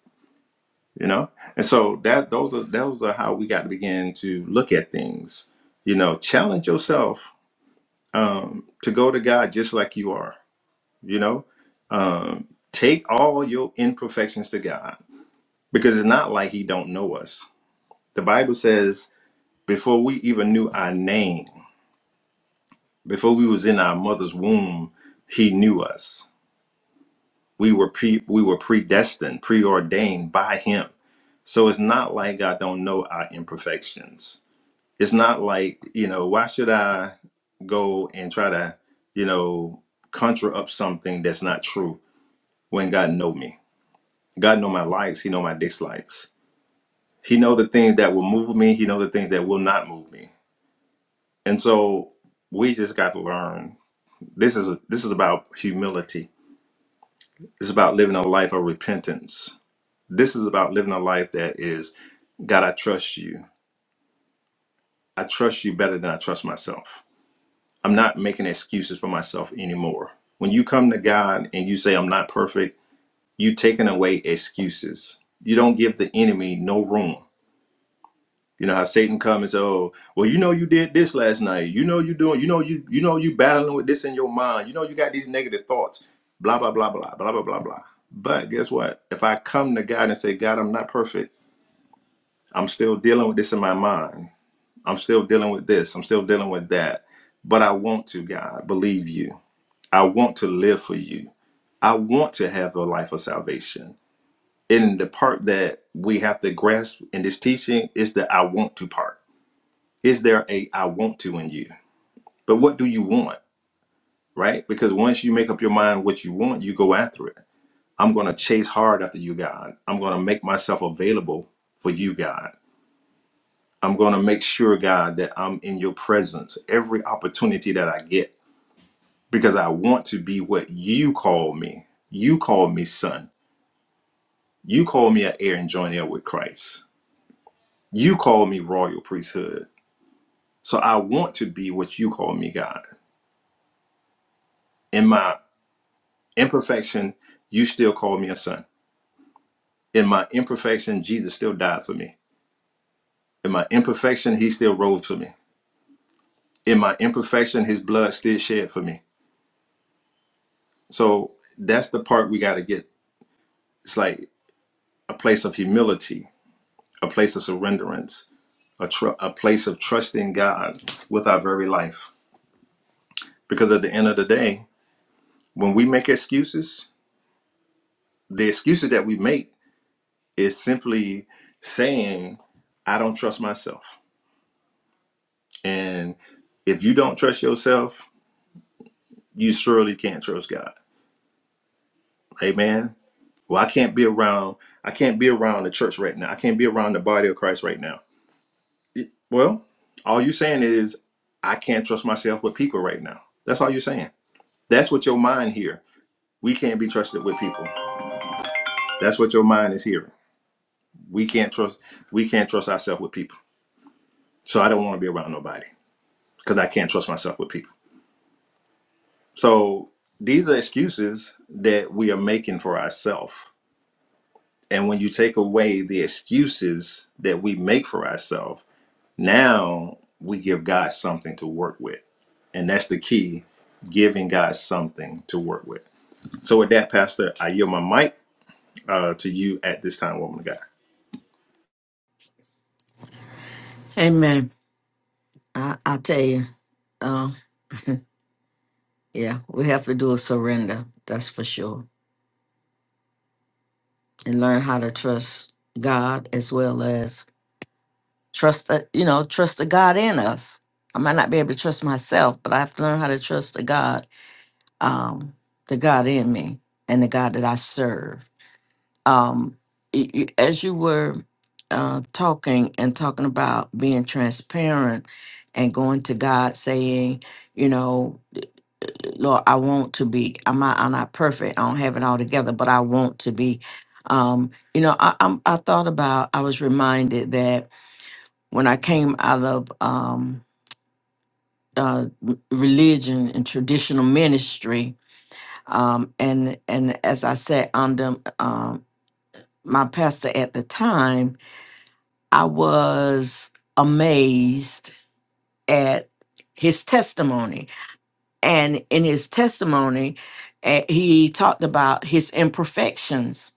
B: you know and so that those are those are how we got to begin to look at things you know challenge yourself um to go to god just like you are you know um take all your imperfections to god because it's not like he don't know us the bible says before we even knew our name before we was in our mother's womb he knew us we were pre we were predestined preordained by him so it's not like god don't know our imperfections it's not like you know why should i go and try to you know conjure up something that's not true when god know me god know my likes he know my dislikes he know the things that will move me he know the things that will not move me and so we just got to learn this is this is about humility it's about living a life of repentance this is about living a life that is god i trust you i trust you better than i trust myself I'm not making excuses for myself anymore. When you come to God and you say, I'm not perfect, you taking away excuses. You don't give the enemy no room. You know how Satan comes and says, Oh, well, you know you did this last night. You know you doing, you know you you know you battling with this in your mind. You know you got these negative thoughts. Blah blah blah blah blah blah blah blah. But guess what? If I come to God and say, God, I'm not perfect, I'm still dealing with this in my mind. I'm still dealing with this. I'm still dealing with that. But I want to, God, believe you. I want to live for you. I want to have a life of salvation. And the part that we have to grasp in this teaching is the I want to part. Is there a I want to in you? But what do you want? Right? Because once you make up your mind what you want, you go after it. I'm going to chase hard after you, God. I'm going to make myself available for you, God. I'm going to make sure, God, that I'm in your presence every opportunity that I get because I want to be what you call me. You call me son. You call me an heir and joint heir with Christ. You call me royal priesthood. So I want to be what you call me, God. In my imperfection, you still call me a son. In my imperfection, Jesus still died for me. In my imperfection, he still rose for me. In my imperfection, his blood still shed for me. So that's the part we got to get. It's like a place of humility, a place of surrenderance, a, tr- a place of trusting God with our very life. Because at the end of the day, when we make excuses, the excuses that we make is simply saying, I don't trust myself. And if you don't trust yourself, you surely can't trust God. Amen. Well, I can't be around, I can't be around the church right now. I can't be around the body of Christ right now. Well, all you're saying is, I can't trust myself with people right now. That's all you're saying. That's what your mind here. We can't be trusted with people. That's what your mind is hearing. We can't trust we can't trust ourselves with people. So I don't want to be around nobody. because I can't trust myself with people. So these are excuses that we are making for ourselves. And when you take away the excuses that we make for ourselves, now we give God something to work with. And that's the key giving God something to work with. So, with that, Pastor, I yield my mic uh, to you at this time, woman of God.
A: Amen. I, I tell you, uh, yeah, we have to do a surrender, that's for sure, and learn how to trust God as well as trust that you know trust the god in us i might not be able to trust myself but i have to learn how to trust the god um the god in me and the god that i serve um y- y- as you were uh talking and talking about being transparent and going to god saying you know lord i want to be i'm not, I'm not perfect i don't have it all together but i want to be um you know I, I'm, I thought about i was reminded that when I came out of um, uh, religion and traditional ministry, um, and and as I said under um, my pastor at the time, I was amazed at his testimony, and in his testimony, eh, he talked about his imperfections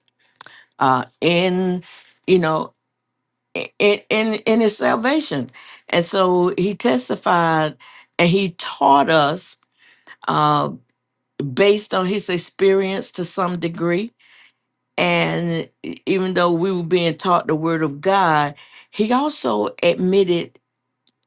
A: uh, in you know i- i- in in his salvation, and so he testified and he taught us uh, based on his experience to some degree. And e- even though we were being taught the word of God, he also admitted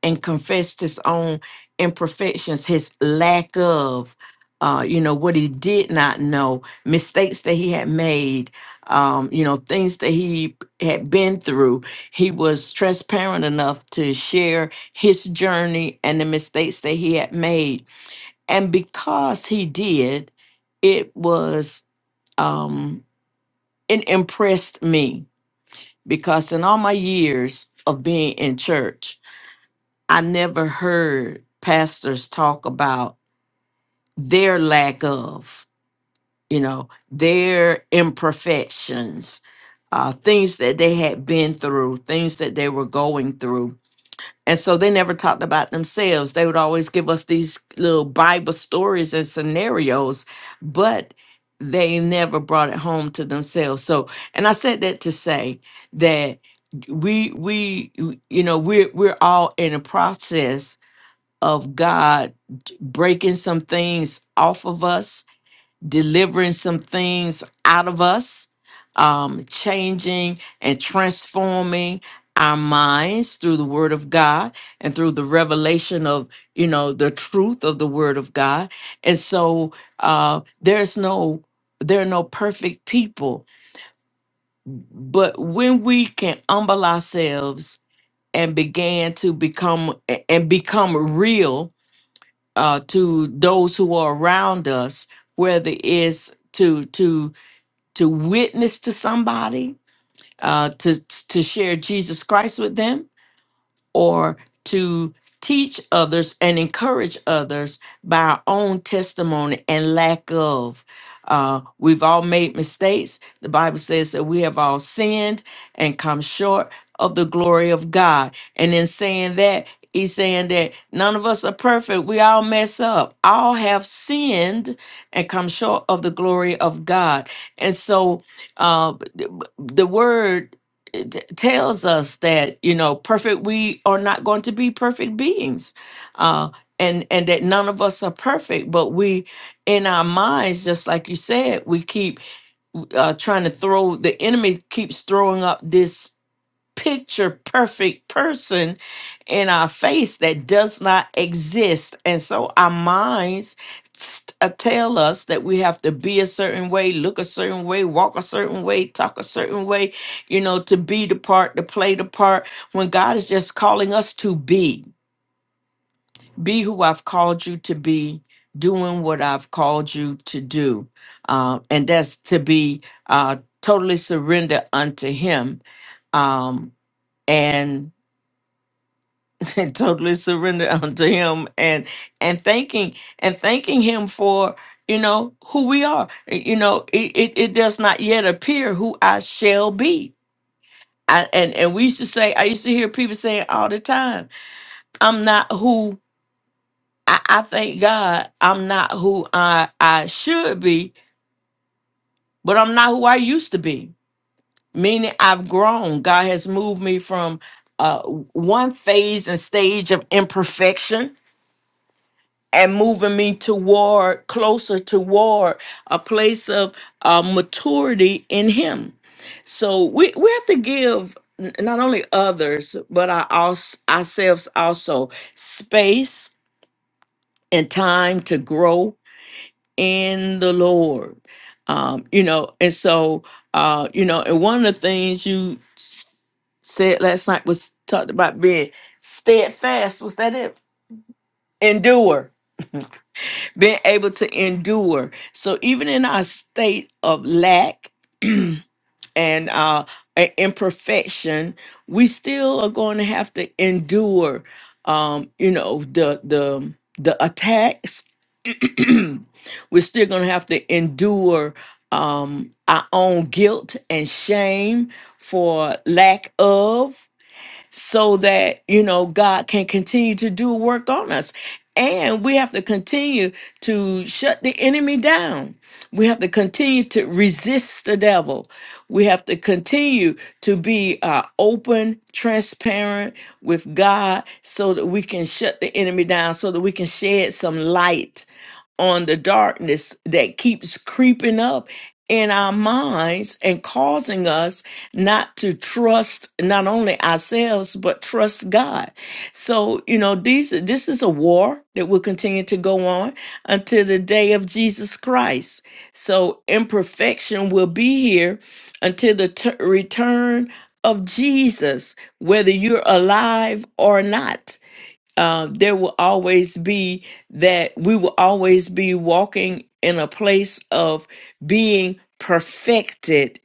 A: and confessed his own imperfections, his lack of, uh, you know, what he did not know, mistakes that he had made, um, you know, things that he had been through. He was transparent enough to share his journey and the mistakes that he had made and because he did, it was um it impressed me because in all my years of being in church, I never heard pastors talk about their lack of, you know, their imperfections, uh, things that they had been through, things that they were going through And so they never talked about themselves. They would always give us these little Bible stories and scenarios, but they never brought it home to themselves. So, and I said that to say that we we you know we're we're all in a process of God breaking some things off of us delivering some things out of us, um, changing and transforming our minds through the word of God and through the revelation of, you know, the truth of the word of God. And so uh, there's no, there are no perfect people. But when we can humble ourselves and begin to become a- and become real uh, to those who are around us, whether it's to to to witness to somebody, uh, to to share Jesus Christ with them, or to teach others and encourage others by our own testimony and lack of. Uh, we've all made mistakes. The Bible says that we have all sinned and come short of the glory of God. And in saying that, he's saying that none of us are perfect. We all mess up. All have sinned and come short of the glory of God. And so uh, the the word it t- tells us that you know perfect we are not going to be perfect beings uh and and that none of us are perfect but we in our minds just like you said we keep uh trying to throw the enemy keeps throwing up this picture perfect person in our face that does not exist. And so our minds st- uh, tell us that we have to be a certain way, look a certain way, walk a certain way, talk a certain way, you know, to be the part, to play the part, when God is just calling us to be. Be who I've called you to be, doing what I've called you to do. Uh, and that's to be uh, totally surrendered unto Him. Um, and and totally surrender unto him and and thanking and thanking him for you know who we are Uh, you know it, it, it does not yet appear who i shall be I, and and we used to say i used to hear people saying all the time i'm not who i, I thank god i'm not who i i should be but i'm not who i used to be meaning i've grown god has moved me from uh, one phase and stage of imperfection and moving me toward closer toward a place of uh, maturity in him so we, we have to give n- not only others but our, als- ourselves also space and time to grow in the lord um, you know and so uh, you know and one of the things you s- said last night was talked about being steadfast was that it endure being able to endure. So even in our state of lack and uh, i- imperfection, we still are going to have to endure. Um, you know the the the attacks. We're still going to have to endure um, our own guilt and shame for lack of. so that, you know, God can continue to do work on us. And we have to continue to shut the enemy down. We have to continue to resist the devil. We have to continue to be uh, open, transparent with God so that we can shut the enemy down, so that we can shed some light on the darkness that keeps creeping up in our minds and causing us not to trust not only ourselves but trust God. So, you know, these this is a war that will continue to go on until the day of Jesus Christ. So, imperfection will be here until the t- return of Jesus, whether you're alive or not uh, there will always be that we will always be walking in a place of being perfected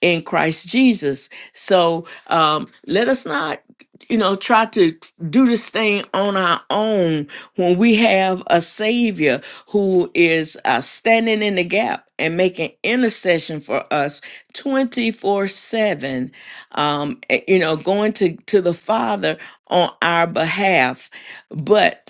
A: in Christ Jesus. So um, let us not, you know, try to do this thing on our own when we have a Savior who is uh, standing in the gap and making intercession for us 24 7, um, eh, you know, going to, to the Father on our behalf. But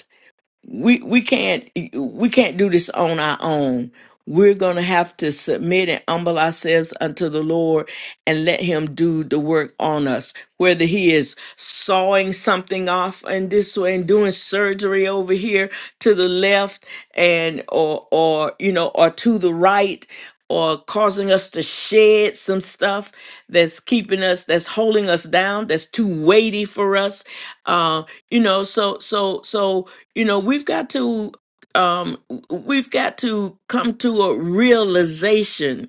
A: we we can't we can't do this on our own. We're gonna have to submit and humble ourselves unto the Lord and let Him do the work on us. Whether He is sawing something off in this way and doing surgery over here to the left and or or you know or to the right or causing us to shed some stuff that's keeping us that's holding us down that's too weighty for us uh you know so so so you know we've got to um we've got to come to a realization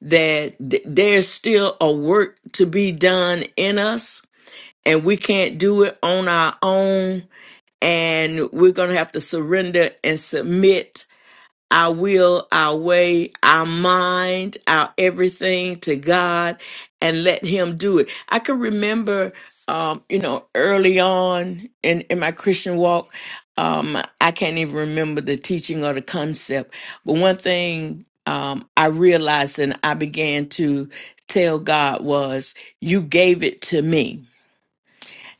A: that th- there's still a work to be done in us and we can't do it on our own and we're going to have to surrender and submit our will, our way, our mind, our everything to God and let Him do it. I can remember, um, you know, early on in, in my Christian walk, um, I can't even remember the teaching or the concept. But one thing um, I realized and I began to tell God was, You gave it to me.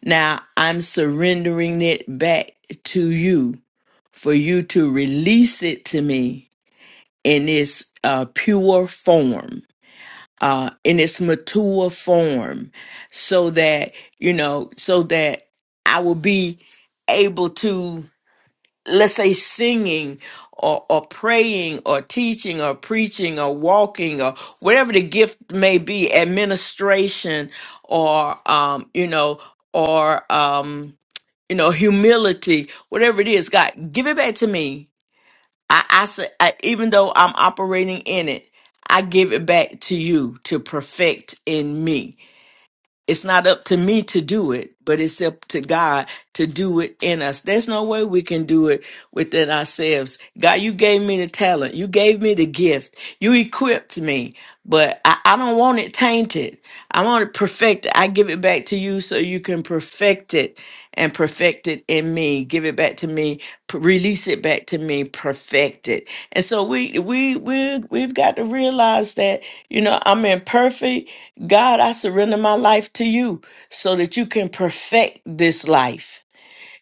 A: Now I'm surrendering it back to you for you to release it to me in its uh, pure form, uh, in its mature form, so that, you know, so that I will be able to, let's say, singing or, or praying or teaching or preaching or walking or whatever the gift may be, administration or, um, you know, or, um, you know, humility, whatever it is, God, give it back to me I, I say, I, even though I'm operating in it, I give it back to you to perfect in me. It's not up to me to do it, but it's up to God to do it in us. There's no way we can do it within ourselves. God, you gave me the talent. You gave me the gift. You equipped me, but I, I don't want it tainted. I want to perfect it. I give it back to you so you can perfect it and perfect it in me. Give it back to me, p- release it back to me, perfect it. And so we we we we've got to realize that, you know, I'm imperfect. God, I surrender my life to you so that you can perfect this life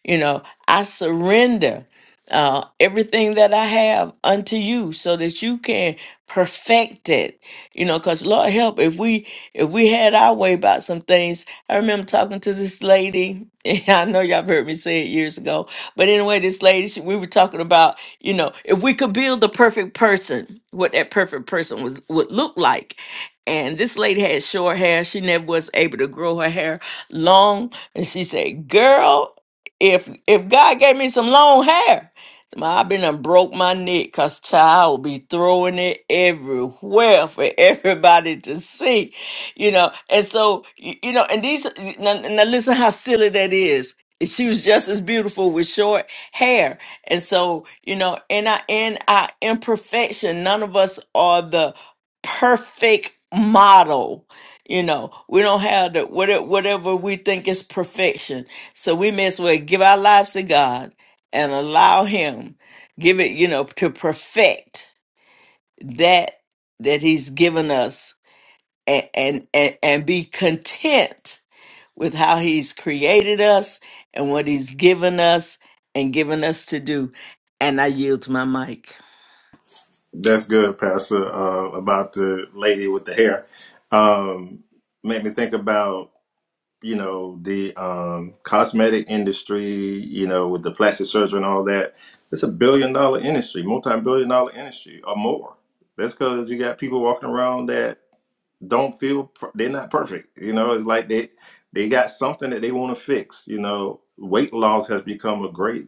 A: you know, I surrender uh, everything that I have unto you so that you can perfect it. You know, because Lord help, if we if we had our way about some things, I remember talking to this lady. and I know y'all have heard me say it years ago, but anyway, this lady, she, we were talking about, you know, if we could build the perfect person, what that perfect person was would look like and this lady had short hair. She never was able to grow her hair long. And she said, Girl, if if God gave me some long hair, i been and broke my neck because child will be throwing it everywhere for everybody to see, you know. And so, y- you know, and these, now, now listen how silly that is. She was just as beautiful with short hair. And so, you know, in our in our imperfection, none of us are the perfect model. You know, we don't have the whatever, whatever we think is perfection. So we may as well give our lives to God and allow Him give it, you know, to perfect that that He's given us and and and, and be content with how He's created us and what He's given us and given us to do. And I yield my mic.
B: That's good, Pastor. Uh, about the lady with the hair, um, made me think about. you know the um, cosmetic industry you know with the plastic surgery and all that it's a billion dollar industry multi-billion dollar industry or more that's because you got people walking around that don't feel per- they're not perfect you know it's like they they got something that they want to fix you know weight loss has become a great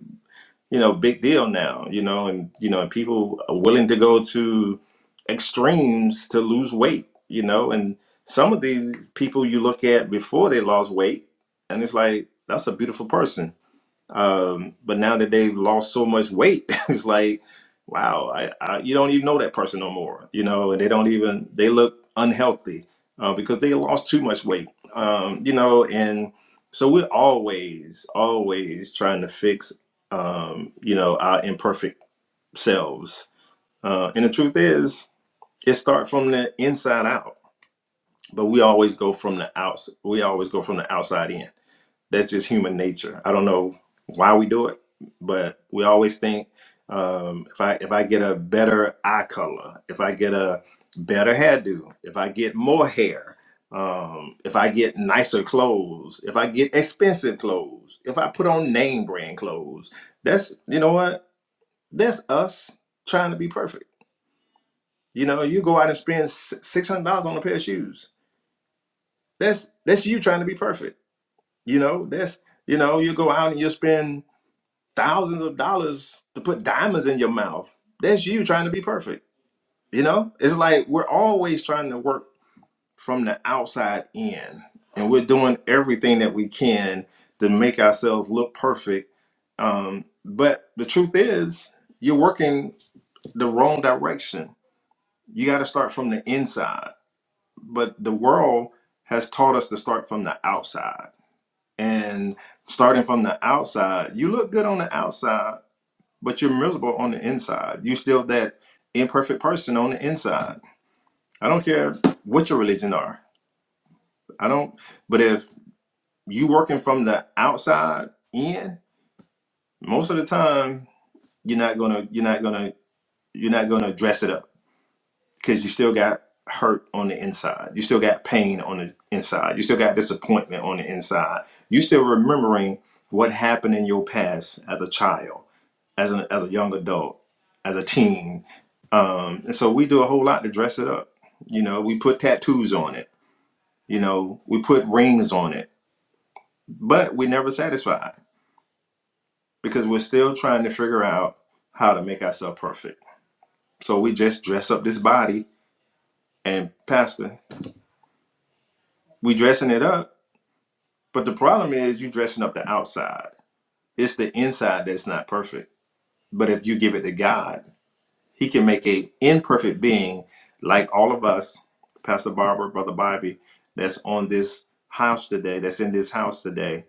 B: you know, big deal now, you know, and you know, and people are willing to go to extremes to lose weight, you know, and some of these people you look at before they lost weight, and it's like that's a beautiful person um, but now that they've lost so much weight, it's like, wow, I, I you don't even know that person no more. You know, and they don't even they look unhealthy uh, because they lost too much weight. Um, you know, and so we're always always trying to fix um, you know our imperfect selves. Uh, and the truth is, it starts from the inside out, but we always go from the outs. We always go from the outside in that's just human nature. I don't know why we do it, but we always think um, if I if I get a better eye color, if I get a better hairdo, if I get more hair, um, if I get nicer clothes, if I get expensive clothes, if I put on name brand clothes, that's you know what that's us trying to be perfect. You know, you go out and spend si, six hundred dollars on a pair of shoes. That's that's you trying to be perfect. You know, that's you know, you go out and you spend thousands of dollars to put diamonds in your mouth. That's you trying to be perfect. You know, it's like we're always trying to work from the outside in, and we're doing everything that we can to make ourselves look perfect. Um, but the truth is, you're working the wrong direction. You got to start from the inside. But the world has taught us to start from the outside. And starting from the outside, you look good on the outside but you're miserable on the inside. You still that imperfect person on the inside. I don't care what your religion are. I don't but if you working from the outside in, most of the time you're not gonna you're not gonna you're not gonna dress it up because you still got hurt on the inside. You still got pain on the inside. You still got disappointment on the inside. You still remembering what happened in your past as a child as an as a young adult, as a teen. Um, and so we do a whole lot to dress it up. You know, we put tattoos on it. You know, we put rings on it, but we're never satisfied because we're still trying to figure out how to make ourselves perfect. So we just dress up this body and pastor, we dressing it up. But the problem is you dressing up the outside. It's the inside that's not perfect. But if you give it to God, He can make a imperfect being like all of us, Pastor Barbara, Brother Bobby, that's on this house today, that's in this house today.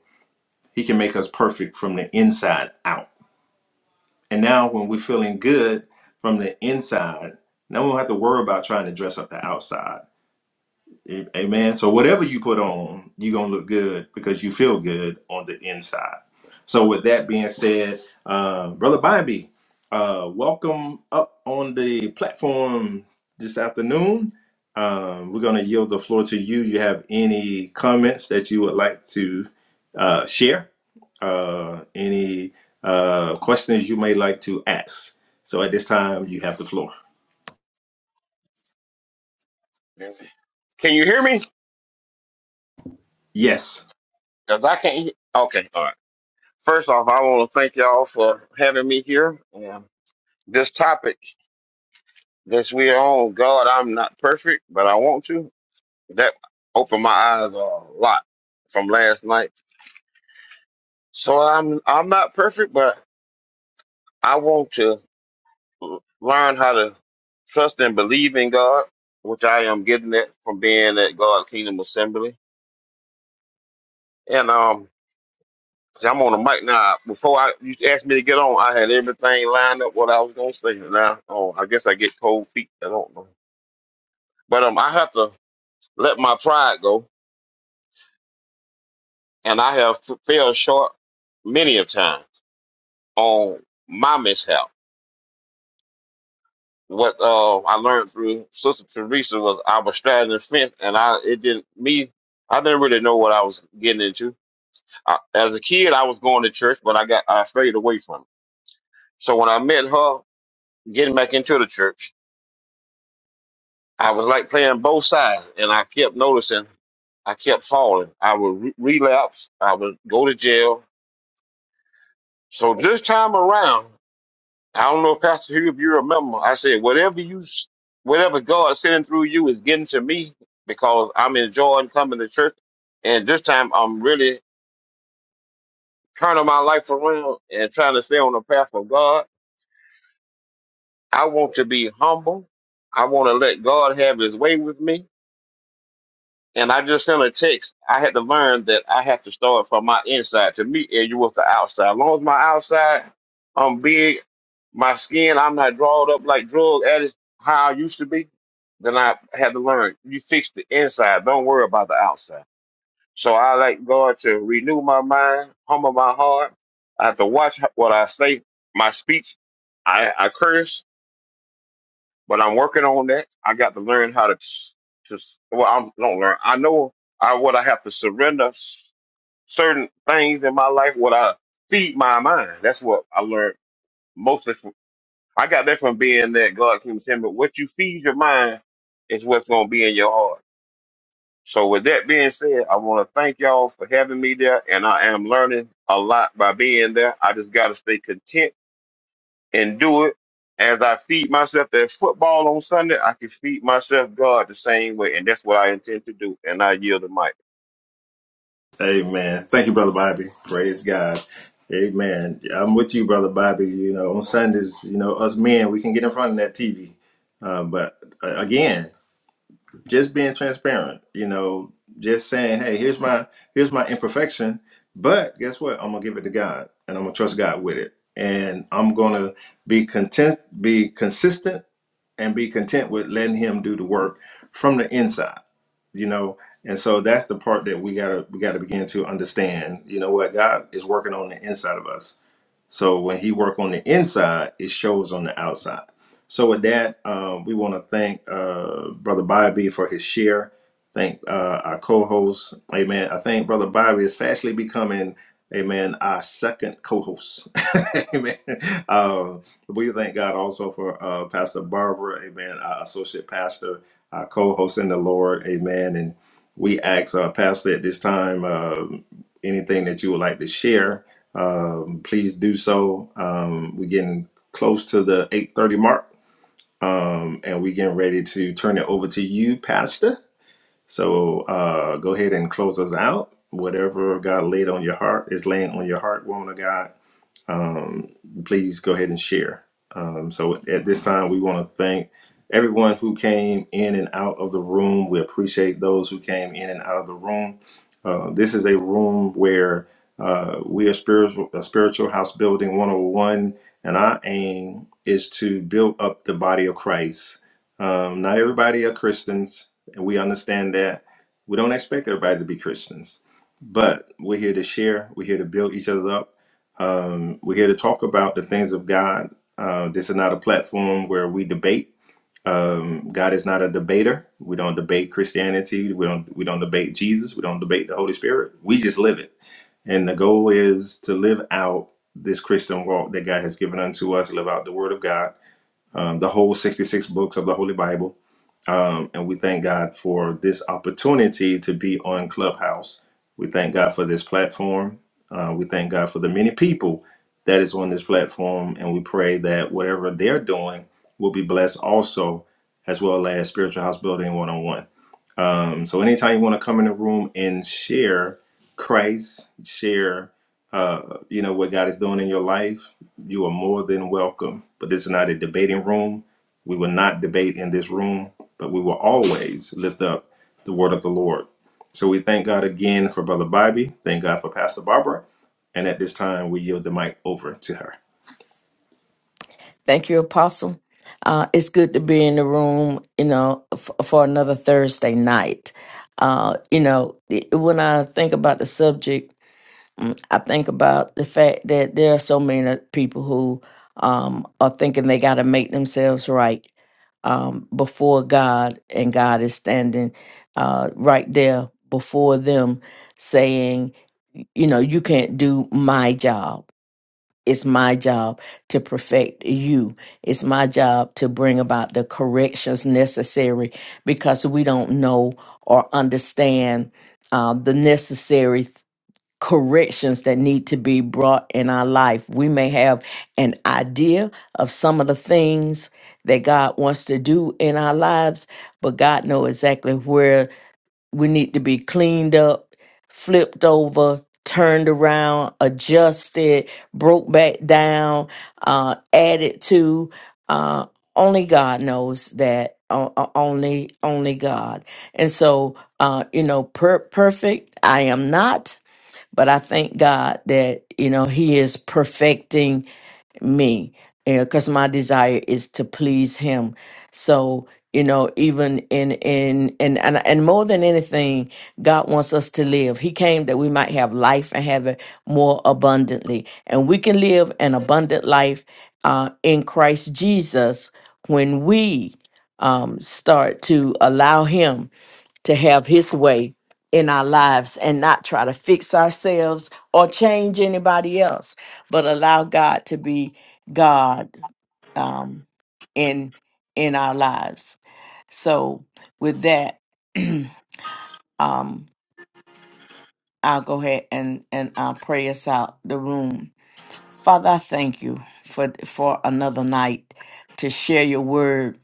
B: He can make us perfect from the inside out. And now when we're feeling good from the inside, now we don't have to worry about trying to dress up the outside Amen. So whatever you put on, you're gonna look good because you feel good on the inside. So with that being said, uh, brother Bobby, uh, welcome up on the platform this afternoon. Um, we're gonna yield the floor to you. You have any comments that you would like to uh, share? Uh, any uh, questions you may like to ask? So at this time, you have the floor.
C: Can you hear me?
B: Yes.
C: Because I can't. Hear. Okay, all right. First off, I want to thank y'all for having me here. And this topic that we are on, God, I'm not perfect, but I want to. That opened my eyes a lot from last night. So I'm I'm not perfect, but I want to learn how to trust and believe in God, which I am getting that from being at God's Kingdom Assembly. And um, See, I'm on the mic now. Before I you asked me to get on, I had everything lined up what I was gonna say. Now, oh, I guess I get cold feet. I don't know, but um, I have to let my pride go, and I have f- fell short many a time on my mishap. What uh, I learned through Sister Teresa was I was straddling the fence, and I it didn't me. I didn't really know what I was getting into. I, as a kid, I was going to church, but I got I strayed away from it. So when I met her, getting back into the church. I was like playing both sides, and I kept noticing I kept falling. I would re- relapse. I would go to jail. So this time around, I don't know, Pastor Hugh, if you remember, I said, whatever you, s- whatever God sending through you is getting to me because I'm enjoying coming to church. And this time, I'm really turning my life around and trying to stay on the path of God. I want to be humble. I want to let God have His way with me. And I just sent a text. I had to learn that I have to start from my inside to meet you with the outside. As long as my outside, I'm big, my skin, I'm not drawed up like drug addicts, how I used to be, then I had to learn. You fix the inside. Don't worry about the outside. So I like God to renew my mind, humble my heart. I have to watch what I say, my speech. I, I curse but I'm working on that. I got to learn how to s- just well, I don't learn. I know I what I have to surrender s- certain things in my life. What I feed my mind. That's what I learned mostly from. I got that from being that God came to him. But what you feed your mind is what's going to be in your heart. So with that being said, I want to thank y'all for having me there, and I am learning a lot by being there. I just got to stay content and do it as I feed myself that football on Sunday, I can feed myself God the same way. And that's what I intend to do. And I yield the mic.
B: Amen. Thank you, Brother Bobby. Praise God. Amen. Yeah, I'm with you, Brother Bobby. You know, on Sundays, you know, us men, we can get in front of that TV. Um, but uh, again, just being transparent, you know, just saying, hey, here's my here's my imperfection, but guess what? I'm gonna give it to God and I'm gonna trust God with it. And I'm gonna be content, be consistent, and be content with letting him do the work from the inside you know and so that's the part that we gotta we gotta begin to understand you know what god is working on the inside of us so when he work on the inside, it shows on the outside. So with that, um, we want to thank uh, Brother Bobby for his share. Thank uh, our co-host. Amen. I think Brother Bobby is fastly becoming, amen, our second co-host. amen. Um, we thank God also for uh, Pastor Barbara, amen, our associate pastor, our co-host in the Lord, amen. And we ask our pastor at this time uh, anything that you would like to share um, please do so. Um, we're getting close to the 8:30 mark, um, and we're getting ready to turn it over to you, Pastor. So uh, go ahead and close us out. Whatever God laid on your heart is laying on your heart, woman of God please go ahead and share. Um, so at this time, we want to thank everyone who came in and out of the room. We appreciate those who came in and out of the room. Uh, this is a room where uh, we are spiritual, a spiritual house building 101, and our aim is to build up the body of Christ. Um, not everybody are Christians, and we understand that. We don't expect everybody to be Christians, but we're here to share. We're here to build each other up um, we're here to talk about the things of God. Uh, this is not a platform where we debate. Um, God is not a debater. We don't debate Christianity. We don't we don't debate Jesus. We don't debate the Holy Spirit. We just live it. And the goal is to live out this Christian walk that God has given unto us. Live out the Word of God, um, the whole sixty six books of the Holy Bible um, and we thank God for this opportunity to be on Clubhouse. We thank God for this platform. Uh, we thank God for the many people that is on this platform. And we pray that whatever they're doing will be blessed also, as well as Spiritual House Building 101. Um, so anytime you want to come in the room and share Christ, share uh, you know what God is doing in your life, you are more than welcome. But this is not a debating room. We will not debate in this room, but we will always lift up the word of the Lord. So we thank God again for Brother Bobby. Thank God for Pastor Barbara. And at this time, we yield the mic over to her.
A: Thank you, Apostle. Uh, it's good to be in the room, you know, f- for another Thursday night. Uh, you know, it- when I think about the subject, mm, I think about the fact that there are so many people who um, are thinking they got to make themselves right um, before God, and God is standing uh, right there before them saying, you know, you can't do my job it's my job to perfect you. It's my job to bring about the corrections necessary because we don't know or understand uh, the necessary th- corrections that need to be brought in our life. We may have an idea of some of the things that God wants to do in our lives, but God knows exactly where we need to be cleaned up, flipped over, turned around, adjusted, broke back down, uh, added to. Uh, only God knows that. O- o- Only, only God. And so, uh, you know, per- perfect. I am not, but I thank God that you know He is perfecting me because my desire is to please him so you know even in in and, and and more than anything god wants us to live he came that we might have life and have it more abundantly and we can live an abundant life uh, in christ jesus when we um, start to allow him to have his way in our lives and not try to fix ourselves or change anybody else, but allow God to be God um, in in our lives. So with that, um, I'll go ahead and and I'll pray us out the room. Father, I thank you for for another night to share your word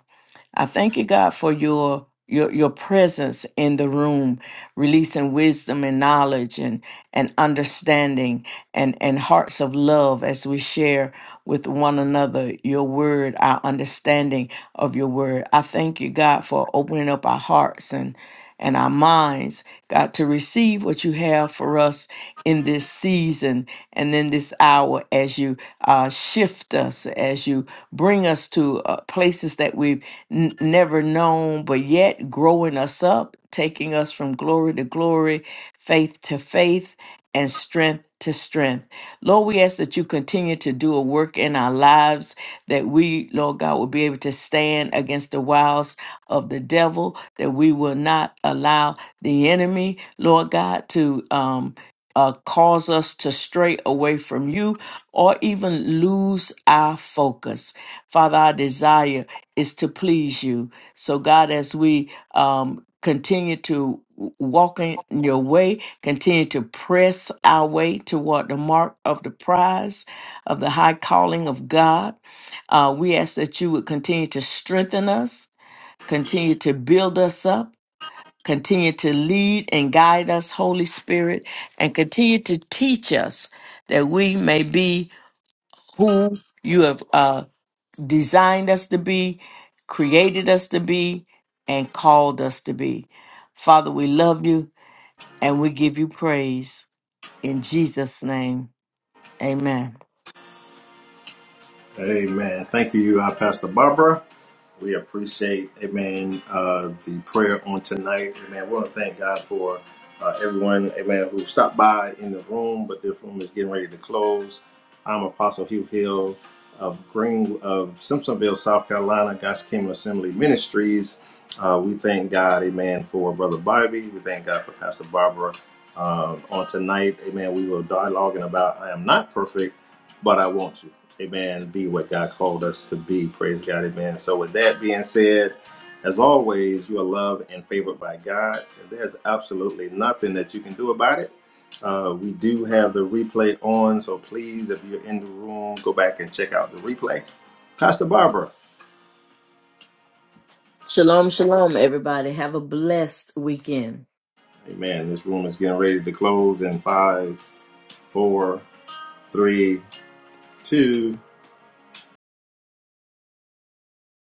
A: I thank you, God, for your your your presence in the room, releasing wisdom and knowledge and and understanding and and hearts of love as we share with one another your word, our understanding of your word. I thank you, God, for opening up our hearts and and our minds, God, to receive what you have for us in this season and in this hour as you uh, shift us, as you bring us to uh, places that we've n- never known, but yet growing us up, taking us from glory to glory, faith to faith, and strength to strength. Lord, we ask that you continue to do a work in our lives that we, Lord God, will be able to stand against the wiles of the devil, that we will not allow the enemy, Lord God, to um uh, cause us to stray away from you or even lose our focus. Father, I desire is to please you. So, God, as we um, continue to w- walk in your way, continue to press our way toward the mark of the prize of the high calling of God, uh, we ask that you would continue to strengthen us, continue to build us up. Continue to lead and guide us, Holy Spirit, and continue to teach us that we may be who you have. Uh, designed us to be, created us to be, and called us to be. Father, we love you and we give you praise. In Jesus' name, amen.
B: Amen. Thank you, uh, Pastor Barbara. We appreciate, amen, uh, the prayer on tonight. Amen. We want to thank God for uh, everyone, amen, who stopped by in the room, but this room is getting ready to close. I'm Apostle Hugh Hill of Green of Simpsonville, South Carolina, God's Kingdom Assembly Ministries. Uh, we thank God, amen, for Brother Bobby. We thank God for Pastor Barbara. Uh, on tonight, amen, we will dialoguing about I am not perfect, but I want to. Amen. Be what God called us to be. Praise God. Amen. So, with that being said, as always, you are loved and favored by God. And there's absolutely nothing that you can do about it. Uh, we do have the replay on, so please, if you're in the room, go back and check out the replay. Pastor Barbara,
A: Shalom, shalom, everybody. Have a blessed weekend.
B: amen. This room is getting ready to close in five, four, three, two.